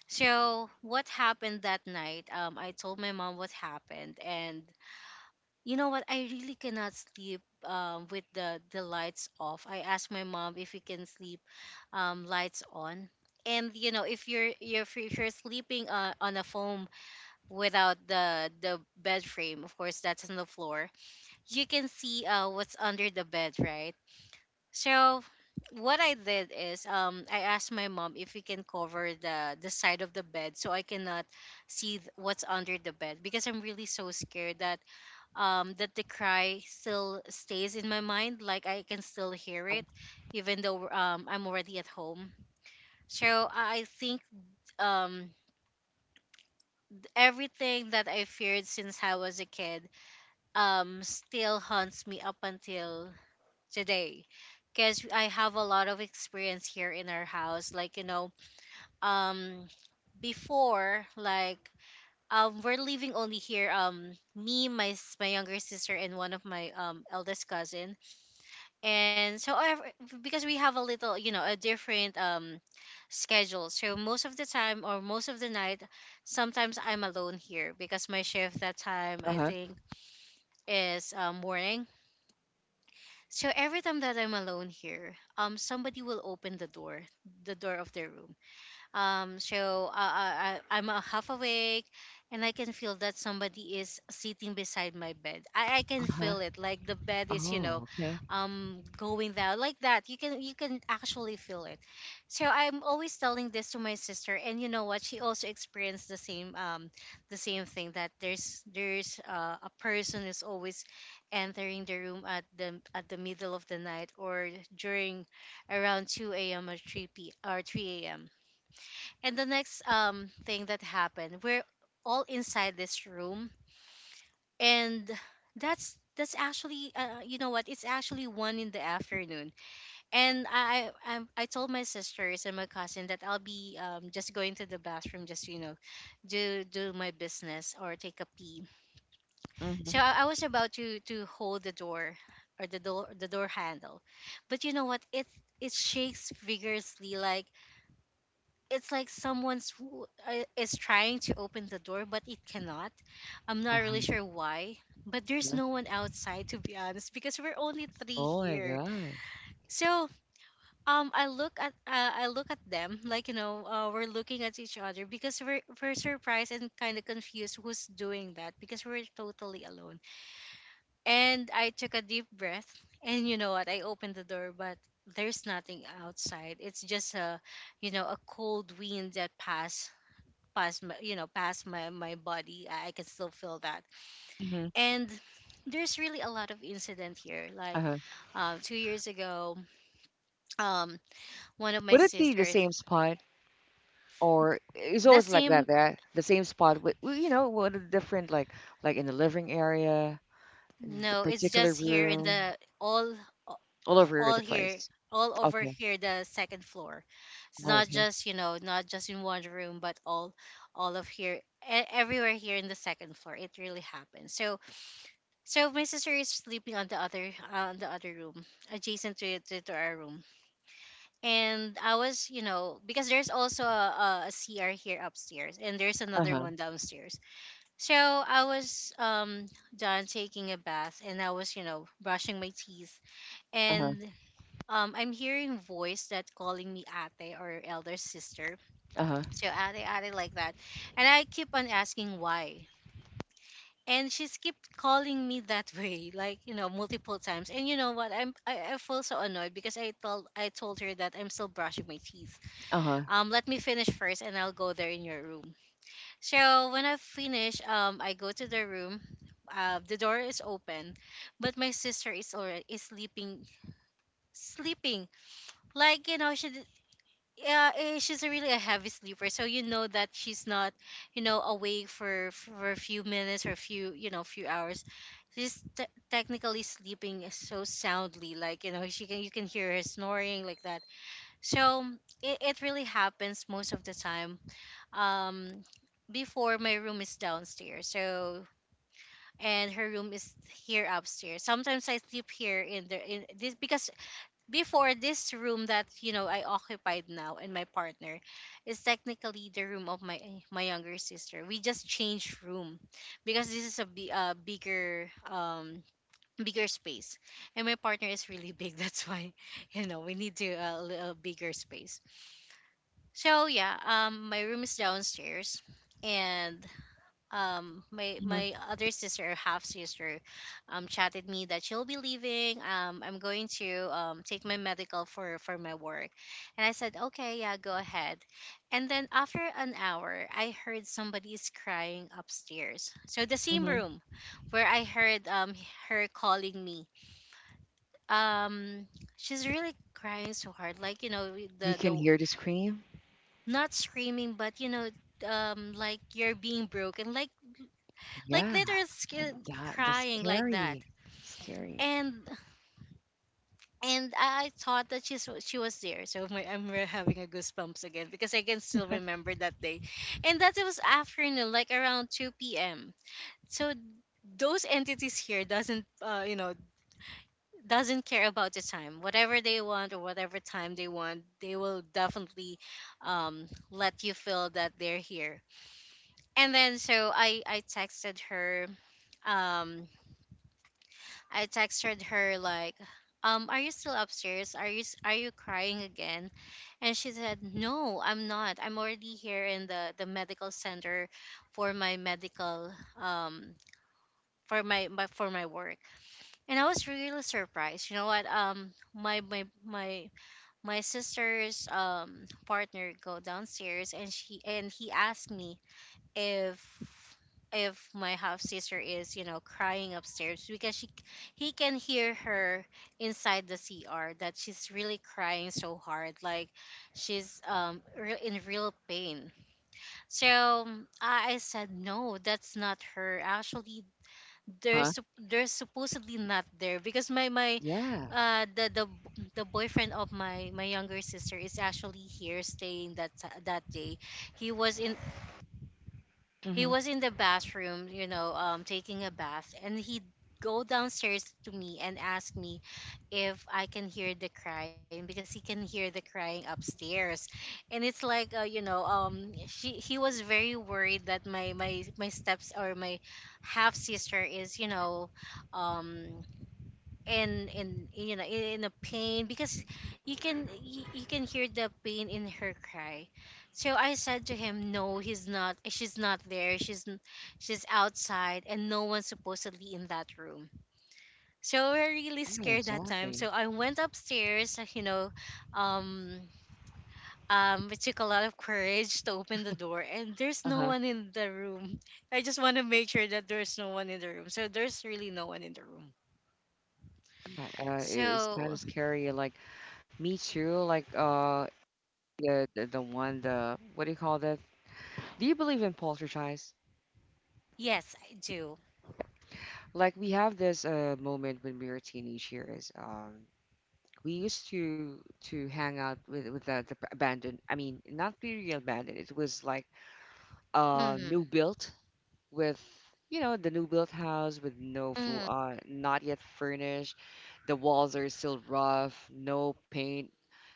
Speaker 2: So what happened that night? Um, I told my mom what happened, and you know what? I really cannot sleep um, with the the lights off. I asked my mom if we can sleep um, lights on. And you know, if you're you're if you're sleeping uh, on a foam without the the bed frame, of course that's on the floor. You can see uh what's under the bed, right? So what I did is, um I asked my mom if we can cover the the side of the bed, so I cannot see th- what's under the bed, because I'm really so scared that um that the cry still stays in my mind, like I can still hear it even though um I'm already at home. So I I think um everything that I feared since I was a kid um still haunts me up until today, because I have a lot of experience here in our house. Like, you know, um, before, like, um, we're living only here. Um, me, my s- my younger sister, and one of my um eldest cousin. And so, I because we have a little, you know, a different um schedule. So most of the time, or most of the night, sometimes I'm alone here because my shift that time,
Speaker 1: Uh
Speaker 2: I
Speaker 1: huh.
Speaker 2: think, is um, morning. So every time that I'm alone here, um, somebody will open the door, the door of their room, um, so uh, I, I- I'm a half awake, and I can feel that somebody is sitting beside my bed. I, I
Speaker 1: Uh
Speaker 2: can
Speaker 1: huh.
Speaker 2: feel it, like the bed is, you
Speaker 1: Oh,
Speaker 2: know,
Speaker 1: okay.
Speaker 2: um, going down like that. You can you can actually feel it. So I'm always telling this to my sister, and you know what? She also experienced the same, um, the same thing, that there's there's uh, a person is always entering the room at the at the middle of the night, or during around two a m or 3 p or three a m. And the next um thing that happened, we're all inside this room, and that's that's actually uh, uh, you know what? It's actually one in the afternoon, and I I I I told my sisters and my cousin that I'll be um just going to the bathroom, just, you know, do do my business or take a pee. So
Speaker 1: Mm-hmm.
Speaker 2: I, I was about to to hold the door, or the door the door handle, but you know what? It it shakes vigorously, like it's like someone's who uh, is trying to open the door, but it cannot. I'm
Speaker 1: Uh
Speaker 2: not
Speaker 1: huh.
Speaker 2: really sure why, but there's no one outside, to be honest, because we're only three
Speaker 1: Oh my
Speaker 2: here.
Speaker 1: god.
Speaker 2: So um I look at uh, I look at them, like, you know, uh, we're looking at each other, because we're, we're surprised and kind of confused who's doing that, because we're totally alone. And I took a deep breath, and you know what? I opened the door, but there's nothing outside, it's just a, you know, a cold wind that passed past my, you know, past my my body. I, I can still feel that.
Speaker 1: Hmm.
Speaker 2: And there's really a lot of incident here, like,
Speaker 1: Uh-huh.
Speaker 2: uh, two years ago, um one of my
Speaker 1: Would it be the
Speaker 2: sisters.
Speaker 1: same spot, or it's
Speaker 2: The
Speaker 1: always like
Speaker 2: same.
Speaker 1: that? That the same spot with w- you know what a different like like in the living area, the
Speaker 2: No, it's
Speaker 1: particular
Speaker 2: just here in
Speaker 1: room,
Speaker 2: the all
Speaker 1: all over the
Speaker 2: all here,
Speaker 1: place.
Speaker 2: all over
Speaker 1: Okay.
Speaker 2: here, the second floor. It's
Speaker 1: Oh,
Speaker 2: not
Speaker 1: okay.
Speaker 2: just, you know, not just in one room, but all all of here, e- everywhere here in the second floor, it really happened. So So my sister is sleeping on the other, uh, on the other room, adjacent to, to to our room. And I was, you know, because there's also a, a, C R here upstairs, and there's another
Speaker 1: Uh-huh.
Speaker 2: one downstairs. So I was, um done taking a bath, and I was, you know, brushing my teeth,
Speaker 1: Uh-huh.
Speaker 2: and um I'm hearing voice that calling me ate, or elder sister.
Speaker 1: Uh-huh.
Speaker 2: So ate ate, like that, and I keep on asking why. And she's kept calling me that way, like, you know, multiple times, and you know what? i'm I, I feel so annoyed because i told I told her that I'm still brushing my teeth.
Speaker 1: Uh-huh.
Speaker 2: Um, let me finish first, and I'll go there in your room. So when I finish, um I go to the room. Uh, the door is open, but my sister is already is sleeping, sleeping, like, you know, she yeah, eh, she's a really a heavy sleeper, so you know that she's not, you know, awake for for a few minutes, or a few, you know, few hours. She's te- technically sleeping so soundly, like, you know, she can you can hear her snoring like that. So it, it really happens most of the time. Um, before, my room is downstairs, so, and her room is here upstairs. Sometimes I sleep here in the in this, because before, this room that, you know, I occupied now, and my partner, is technically the room of my my younger sister. We just changed room, because this is a bi- uh, bigger um bigger space, and my partner is really big that's why, you know, we need to uh, a little bigger space. So yeah, um my room is downstairs, and um my
Speaker 1: Mm-hmm.
Speaker 2: my other sister, or half sister, um chatted me that she'll be leaving, um I'm going to um take my medical for for my work. And I said, okay, yeah, go ahead. And then after an hour, I heard somebody's crying upstairs, so the same
Speaker 1: Mm-hmm.
Speaker 2: room where I heard, um her calling me, um she's really crying so hard, like, you know,
Speaker 1: You
Speaker 2: the
Speaker 1: can
Speaker 2: the
Speaker 1: hear the scream.
Speaker 2: not screaming, but, you know, um like you're being broken, like like
Speaker 1: Yeah.
Speaker 2: literally
Speaker 1: uh,
Speaker 2: sc-
Speaker 1: That that's
Speaker 2: crying like that.
Speaker 1: scary. Scary.
Speaker 2: And and I thought that she's she was there, so my, I'm re- having a goosebumps again, because I can still remember that day, and that it was afternoon, like around two p m So those entities here doesn't uh, you know doesn't care about the time. Whatever they want or whatever time they want, they will definitely um, let you feel that they're here. And then so i i texted her. um I texted her like, um, are you still upstairs? Are you s- are you crying again? And she said, "No, I'm not. I'm already here in the, the medical center for my medical, um for my, my for my work." And I was really surprised. You know what? Um my my my my sister's um partner go downstairs, and she and he asked me if if my half sister is, you know, crying upstairs because she he can hear her inside the C R, that she's really crying so hard, like she's um re- in real pain. So um, I, I said, "No, that's not her, actually. They're
Speaker 1: Huh?
Speaker 2: sup- they're supposedly not there because my my
Speaker 1: Yeah.
Speaker 2: uh the the b- The boyfriend of my my younger sister is actually here staying that t- that day. he was in he
Speaker 1: Mm-hmm.
Speaker 2: was in the bathroom, you know, um, taking a bath, and he'd go downstairs to me and ask me if I can hear the crying because he can hear the crying upstairs. And it's like uh, you know, um, she he was very worried that my my my steps or my half sister is, you know, um, in in you know in, in a pain because you can you, you can hear the pain in her cry. So I said to him, "No, he's not. She's not there. She's n- she's outside, and no one's supposedly in that room." So we're really
Speaker 1: Yeah,
Speaker 2: scared that time,
Speaker 1: exactly.
Speaker 2: so I went upstairs. uh, you know um um it took a lot of courage to open the door, and there's no
Speaker 1: Uh-huh.
Speaker 2: one in the room. I just want to make sure that there's no one in the room. So there's really no one in the room.
Speaker 1: Yeah, uh, it's kind of
Speaker 2: So
Speaker 1: scary. Like me too. Like uh, yeah, the, the one the what do you call that? Do you believe in poltergeist?
Speaker 2: yes, I do.
Speaker 1: Like we have this uh moment when we were teenage years. Um, we used to to hang out with with the, the abandoned. I mean, not really abandoned. It was like uh new
Speaker 2: Mm-hmm.
Speaker 1: built with you know the new built house with no fl-
Speaker 2: Mm-hmm.
Speaker 1: uh not yet furnished. The walls are still rough, no paint,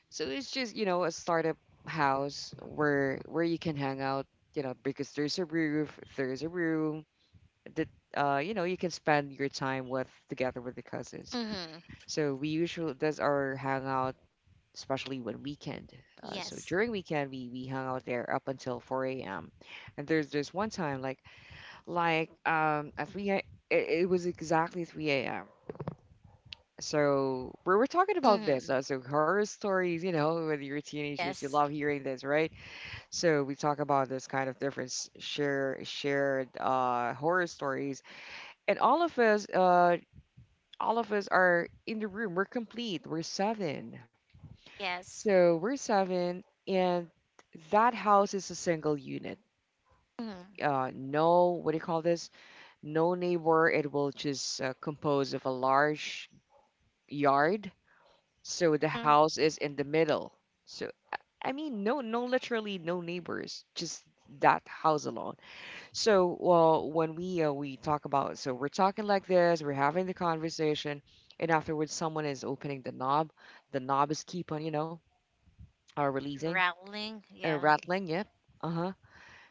Speaker 1: so it's just, you know, a startup house where where you can hang out, you know, because there's a roof, there's a room that uh, you know, you can spend your time with together with the cousins.
Speaker 2: Mm-hmm.
Speaker 1: So we usually does our hangout, especially when weekend. Uh, so
Speaker 2: Yes.
Speaker 1: during weekend we we hung out there up until four a m. And there's there's one time like like um at 3 a, it, it was exactly three a m. So we were talking about
Speaker 2: Mm-hmm.
Speaker 1: this. Uh, so horror stories, you know, when you're teenagers, you
Speaker 2: Yes.
Speaker 1: love hearing this, right? So we talk about this kind of different s- share shared uh, horror stories, and all of us, uh, all of us are in the room. We're complete. We're seven.
Speaker 2: Yes.
Speaker 1: So we're seven, and that house is a single unit.
Speaker 2: Mm-hmm.
Speaker 1: Uh, no, what do you call this? No neighbor. It will just uh, compose of a large yard. So the house is in the middle. So I I mean, no, no, literally no neighbors, just that house alone. So well, when we uh, we talk about, so we're talking like this, we're having the conversation, and afterwards someone is opening the knob. The knob is keep on, you know, uh, releasing,
Speaker 2: Rattling.
Speaker 1: uh,
Speaker 2: Yeah.
Speaker 1: rattling. Yep. Uh huh.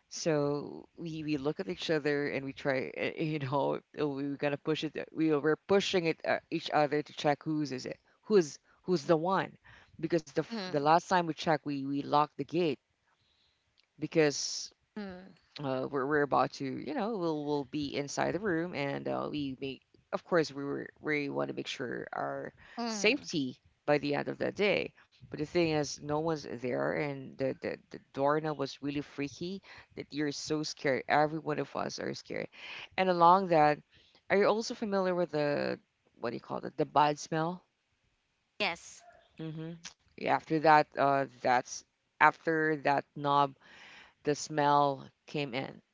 Speaker 1: So we we look at each other and we try, uh, you know, uh, we we're gonna push it. eh, We were pushing it uh, each other to check whose is it, who's who's the one, because the f- the
Speaker 2: Mm-hmm.
Speaker 1: last time we checked, we we locked the gate because
Speaker 2: Mm-hmm.
Speaker 1: uh, we're, we're about to you know we'll, we'll be inside the room, and uh, we make, of course we were, we want to make sure our
Speaker 2: Mm-hmm.
Speaker 1: safety by the end of the day. But the thing is, no one's there, and the, the, the doorknob was really freaky, that you're so scared, every one of us are scared. And along that, are you also familiar with the, what do you call it, the bad smell?
Speaker 2: Yes.
Speaker 1: Hmm. After that, uh, that's, after that knob, the smell came in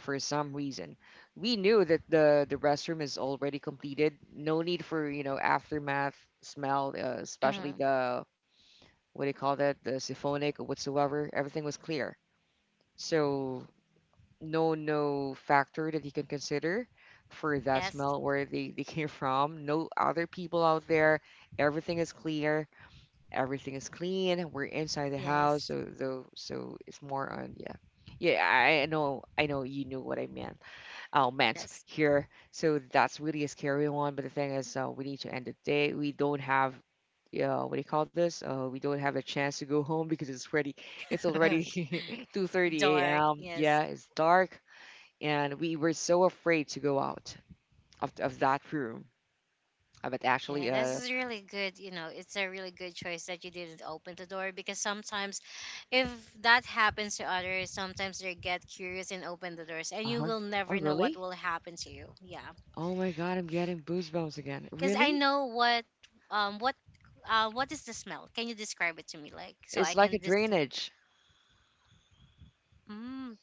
Speaker 1: for some reason. We knew that the the restroom is already completed. No need for, you know, aftermath smell, uh, especially
Speaker 2: Mm-hmm.
Speaker 1: the, what do you call that, the siphonic or whatsoever. Everything was clear, so no, no factor that you can consider for that
Speaker 2: Yes.
Speaker 1: smell where they, they came from. No other people out there. Everything is clear. Everything is clean. We're inside the house,
Speaker 2: Yes.
Speaker 1: so so, so it's more on, yeah. Yeah, I I know, I know you knew what I meant, oh, meant
Speaker 2: Yes.
Speaker 1: here. So that's really a scary one, but the thing is, uh, we need to end the day, we don't have, yeah, what do you call this? Uh, we don't have a chance to go home because it's already, it's already 2:30
Speaker 2: Dark.
Speaker 1: a.m.
Speaker 2: Yes.
Speaker 1: Yeah, it's dark, and we were so afraid to go out of of that room. Uh, But
Speaker 2: Yeah,
Speaker 1: actually,
Speaker 2: this
Speaker 1: uh,
Speaker 2: is really good. You know, it's a really good choice that you didn't open the door, because sometimes if that happens to others, sometimes they get curious and open the doors, and you
Speaker 1: uh-huh.
Speaker 2: will
Speaker 1: Oh,
Speaker 2: never know what
Speaker 1: really?
Speaker 2: will happen to you. Yeah.
Speaker 1: Oh my God, I'm getting goosebumps again.
Speaker 2: Because I
Speaker 1: Really?
Speaker 2: know what, um what uh what is the smell? Can you describe it to me, like, so I
Speaker 1: It's like a
Speaker 2: can just
Speaker 1: drainage,
Speaker 2: mm,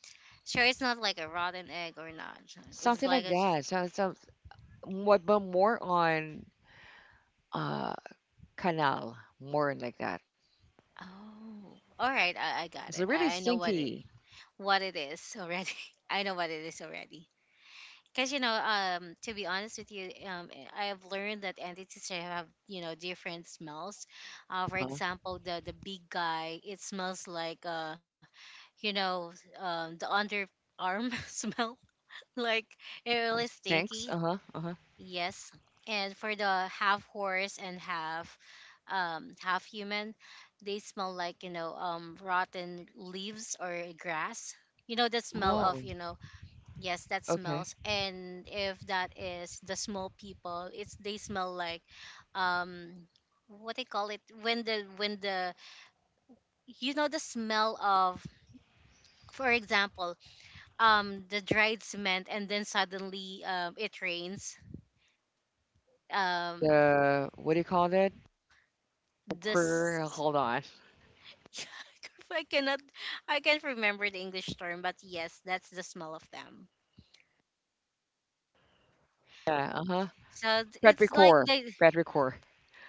Speaker 2: sure, it's not like a rotten egg or not. Sure, it's
Speaker 1: something
Speaker 2: like
Speaker 1: like
Speaker 2: a—
Speaker 1: that. So, some, what, but more on. Uh, Canal, more like that.
Speaker 2: oh, all right, I, I got
Speaker 1: It's
Speaker 2: it.
Speaker 1: really
Speaker 2: I, I know what it—
Speaker 1: stinky.
Speaker 2: what it is already. I know what it is already. Because, you know, um to be honest with you, um I have learned that entities have, you know, different smells. Uh, for
Speaker 1: Uh,
Speaker 2: example, the the big guy, it smells like uh you know um the underarm smell, like, it
Speaker 1: um,
Speaker 2: really
Speaker 1: stinks.
Speaker 2: stinky.
Speaker 1: Uh huh. Uh huh.
Speaker 2: Yes. And for the half horse and half um half human, they smell like, you know, um rotten leaves or grass, you know, the smell of,
Speaker 1: Oh,
Speaker 2: you know, yes, that
Speaker 1: okay.
Speaker 2: smells. And if that is the small people, it's, they smell like um what they call it, when the when the you know, the smell of, for example, um the dried cement, and then suddenly um it rains, um
Speaker 1: The, what do you call that? Cor-
Speaker 2: this
Speaker 1: Hold on.
Speaker 2: I cannot— I can't remember the English term, but yes, that's the smell of them.
Speaker 1: Yeah. Uh huh.
Speaker 2: So th- it's like
Speaker 1: Petrichor.
Speaker 2: the—
Speaker 1: Petrichor.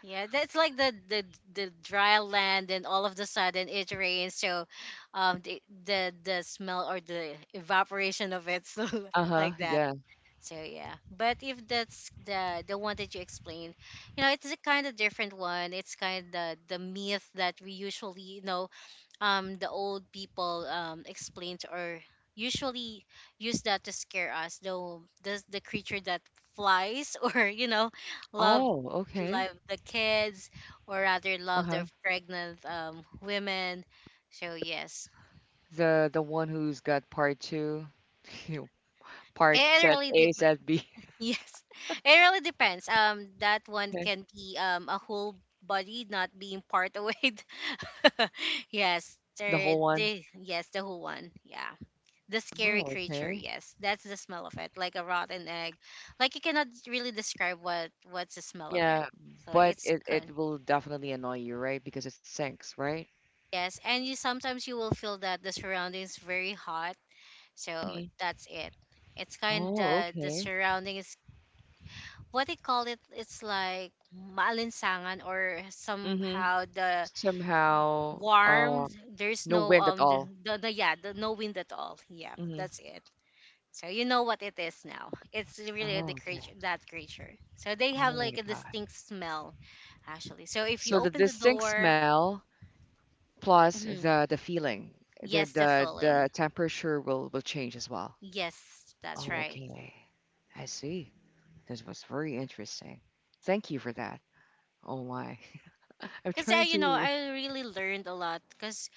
Speaker 2: yeah, that's like the the the dry land, and all of the sudden it rains. So, um, the the the smell or the evaporation of it, so
Speaker 1: Uh huh.
Speaker 2: like that.
Speaker 1: Yeah.
Speaker 2: So yeah, but if that's the the one that you explained, you know, it's a kind of different one. It's kind of the the myth that we usually know, um the old people um explained, or usually use that to scare us, though the the creature that flies or, you know, love
Speaker 1: Oh, okay.
Speaker 2: love the kids, or rather
Speaker 1: Uh
Speaker 2: love
Speaker 1: huh.
Speaker 2: the pregnant um women. So yes,
Speaker 1: The the one who's got part two, part
Speaker 2: it
Speaker 1: set
Speaker 2: really
Speaker 1: A,
Speaker 2: depends.
Speaker 1: set B.
Speaker 2: Yes, it really depends, um that one
Speaker 1: Okay.
Speaker 2: can be um a whole body, not being part away. Yes,
Speaker 1: The
Speaker 2: there
Speaker 1: whole one.
Speaker 2: they, yes, the whole one, yeah, the scary
Speaker 1: Oh,
Speaker 2: creature,
Speaker 1: okay.
Speaker 2: yes, that's the smell of it, like a rotten egg, like you cannot really describe what what's the smell of it,
Speaker 1: Yeah,
Speaker 2: so
Speaker 1: but
Speaker 2: it's
Speaker 1: it
Speaker 2: con-
Speaker 1: it will definitely annoy you, right? Because it sinks, right?
Speaker 2: yes. And you sometimes, you will feel that the surrounding is very hot, so
Speaker 1: Mhm.
Speaker 2: that's it. It's kind
Speaker 1: Oh,
Speaker 2: of the
Speaker 1: okay.
Speaker 2: surrounding is, what they call it, it's like maalinsangan, or
Speaker 1: Mm-hmm.
Speaker 2: somehow the
Speaker 1: Somehow,
Speaker 2: warm,
Speaker 1: uh,
Speaker 2: there's
Speaker 1: no
Speaker 2: no
Speaker 1: wind at
Speaker 2: um the,
Speaker 1: all.
Speaker 2: the, the yeah, the— no wind at all, yeah,
Speaker 1: Mm-hmm.
Speaker 2: that's it. So you know what it is now. It's really
Speaker 1: Oh,
Speaker 2: the
Speaker 1: okay.
Speaker 2: creature, that creature. So they have
Speaker 1: Oh my
Speaker 2: like a
Speaker 1: God.
Speaker 2: distinct smell, actually. So if you
Speaker 1: So the
Speaker 2: open the
Speaker 1: distinct
Speaker 2: door—
Speaker 1: smell plus
Speaker 2: mhm,
Speaker 1: the the feeling, the
Speaker 2: yes, the
Speaker 1: the the
Speaker 2: filling.
Speaker 1: temperature will will change as well.
Speaker 2: Yes, that's
Speaker 1: Oh,
Speaker 2: right.
Speaker 1: okay. I see. This was very interesting. Thank you for that. Oh my. I'm
Speaker 2: 'Cause I,
Speaker 1: trying
Speaker 2: you know,
Speaker 1: to.
Speaker 2: I really learned a lot. 'Cause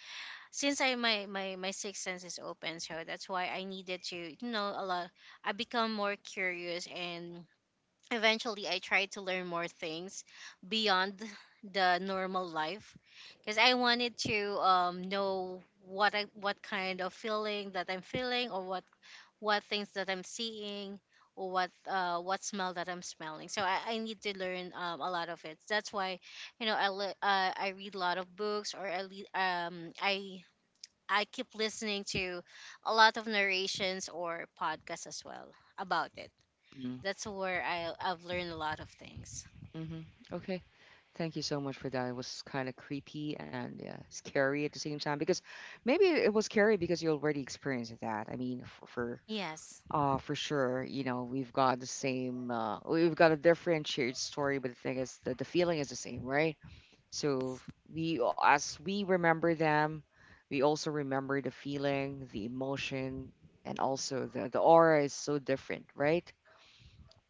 Speaker 2: since I— my my my sixth sense is open, so that's why I needed to, you know, a lot. I become more curious, and eventually I tried to learn more things beyond the normal life, because I wanted to um, know what I— what kind of feeling that I'm feeling, or what what things that I'm seeing, or what uh, what smell that I'm smelling. So I, I need to learn um, a lot of it. That's why, you know, I li- uh, I read a lot of books, or I le- um I I keep listening to a lot of narrations or podcasts as well about it. That's where I— I've learned a lot of things.
Speaker 1: Mm-hmm. Okay. Thank you so much for that. It was kind of creepy and, yeah, scary at the same time, because maybe it was scary because you already experienced that. I mean, for, for
Speaker 2: Yes,
Speaker 1: uh for sure, you know, we've got the same uh we've got a different shared story, but the thing is that the feeling is the same, right? So, we as we remember them, we also remember the feeling, the emotion, and also the the aura is so different, right?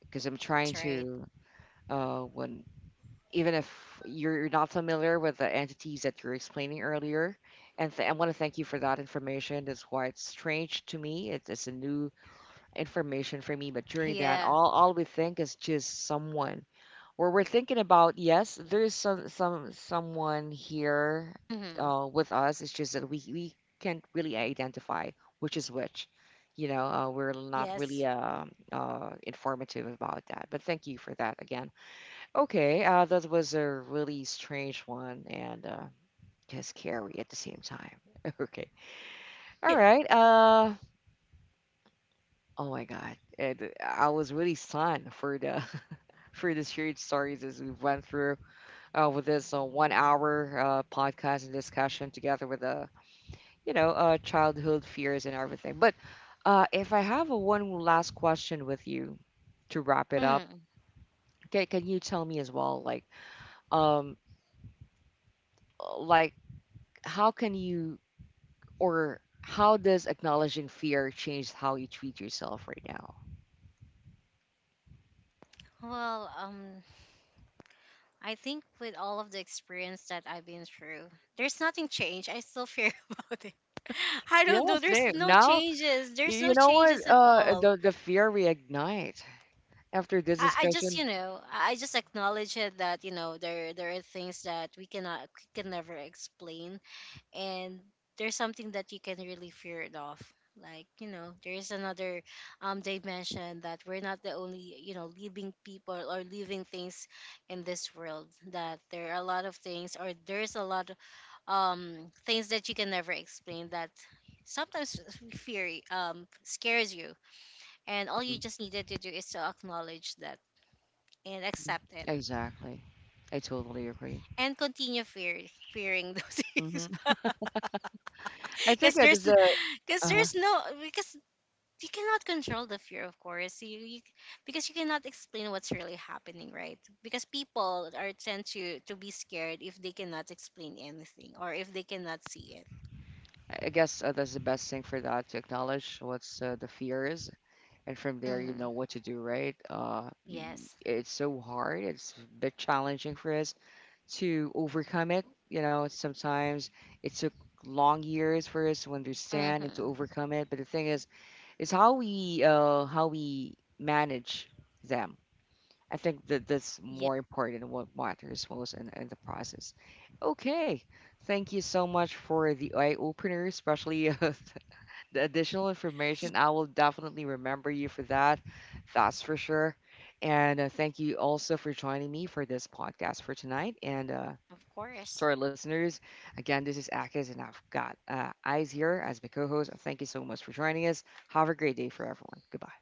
Speaker 1: Because I'm trying
Speaker 2: that's right.
Speaker 1: to, uh when, even if you're you're not familiar with the entities that you're explaining earlier. And th- I want to thank you for that information. That's why it's strange to me. It's, it's a new information for me. But during that,
Speaker 2: Yeah.
Speaker 1: all, all we think is just someone. Where we're thinking about, yes, there's some, some someone here
Speaker 2: Hmm.
Speaker 1: uh, with us. It's just that we, we can't really identify which is which. You know, uh, we're not really
Speaker 2: Yes.
Speaker 1: um uh, informative about that. But thank you for that again. Okay, uh, that was a really strange one and uh, just scary at the same time. Okay, all
Speaker 2: Yeah.
Speaker 1: right. Uh, oh my God, and uh, I was really stunned for the for the strange stories as we went through uh, with this uh, one hour uh, podcast and discussion together with uh, you know uh, childhood fears and everything. But uh, if I have a one last question with you to wrap it up,
Speaker 2: Mm.
Speaker 1: can, can you tell me as well, like, um, like, how can you or how does acknowledging fear change how you treat yourself right now?
Speaker 2: Well, um, I think with all of the experience that I've been through, there's nothing changed. I still fear about it. I
Speaker 1: Yeah,
Speaker 2: don't know. There's
Speaker 1: same.
Speaker 2: no
Speaker 1: Now,
Speaker 2: changes.
Speaker 1: y-
Speaker 2: There's no
Speaker 1: you know what?
Speaker 2: changes at
Speaker 1: Uh,
Speaker 2: all.
Speaker 1: the the fear reignite after this
Speaker 2: I, I just, you
Speaker 1: discussion.
Speaker 2: know, I— I just acknowledge it that, you know, there— there are things that we cannot— we can never explain. And there's something that you can really fear it off, like, you know, there's another um dimension, that we're not the only, you know, living people or living things in this world, that there are a lot of things, or there's a lot of um things that you can never explain, that sometimes fear um scares you, and all
Speaker 1: Mhm.
Speaker 2: you just needed to do is to acknowledge that and accept it,
Speaker 1: Exactly. I totally agree.
Speaker 2: and continue fear fearing those things,
Speaker 1: Hmm. I think
Speaker 2: because
Speaker 1: that
Speaker 2: there's—
Speaker 1: is a,
Speaker 2: because
Speaker 1: uh,
Speaker 2: there's no, because you cannot control the fear, of course you, you— because you cannot explain what's really happening, right? Because people are tend to to be scared if they cannot explain anything, or if they cannot see it.
Speaker 1: I guess uh, that's the best thing for that, to acknowledge what's, uh, the fear is, and from there you
Speaker 2: Hmm.
Speaker 1: know what to do, right? Uh, y-
Speaker 2: Yes.
Speaker 1: it's so hard. It's a bit challenging for us to overcome it. You know, sometimes it took long years for us to understand and to
Speaker 2: Hmm.
Speaker 1: overcome it. But the thing is, is how we, uh, how we manage them. I think that that's
Speaker 2: Yeah,
Speaker 1: more important and what matters most in, in the process. Okay, thank you so much for the eye opener, especially uh, the additional information. I will definitely remember you for that. That's for sure. And uh, thank you also for joining me for this podcast for tonight. And uh,
Speaker 2: of
Speaker 1: to
Speaker 2: course.
Speaker 1: our listeners. Again, this is Akis, and I've got uh, Eyes here as my co host. Thank you so much for joining us. Have a great day for everyone. Goodbye.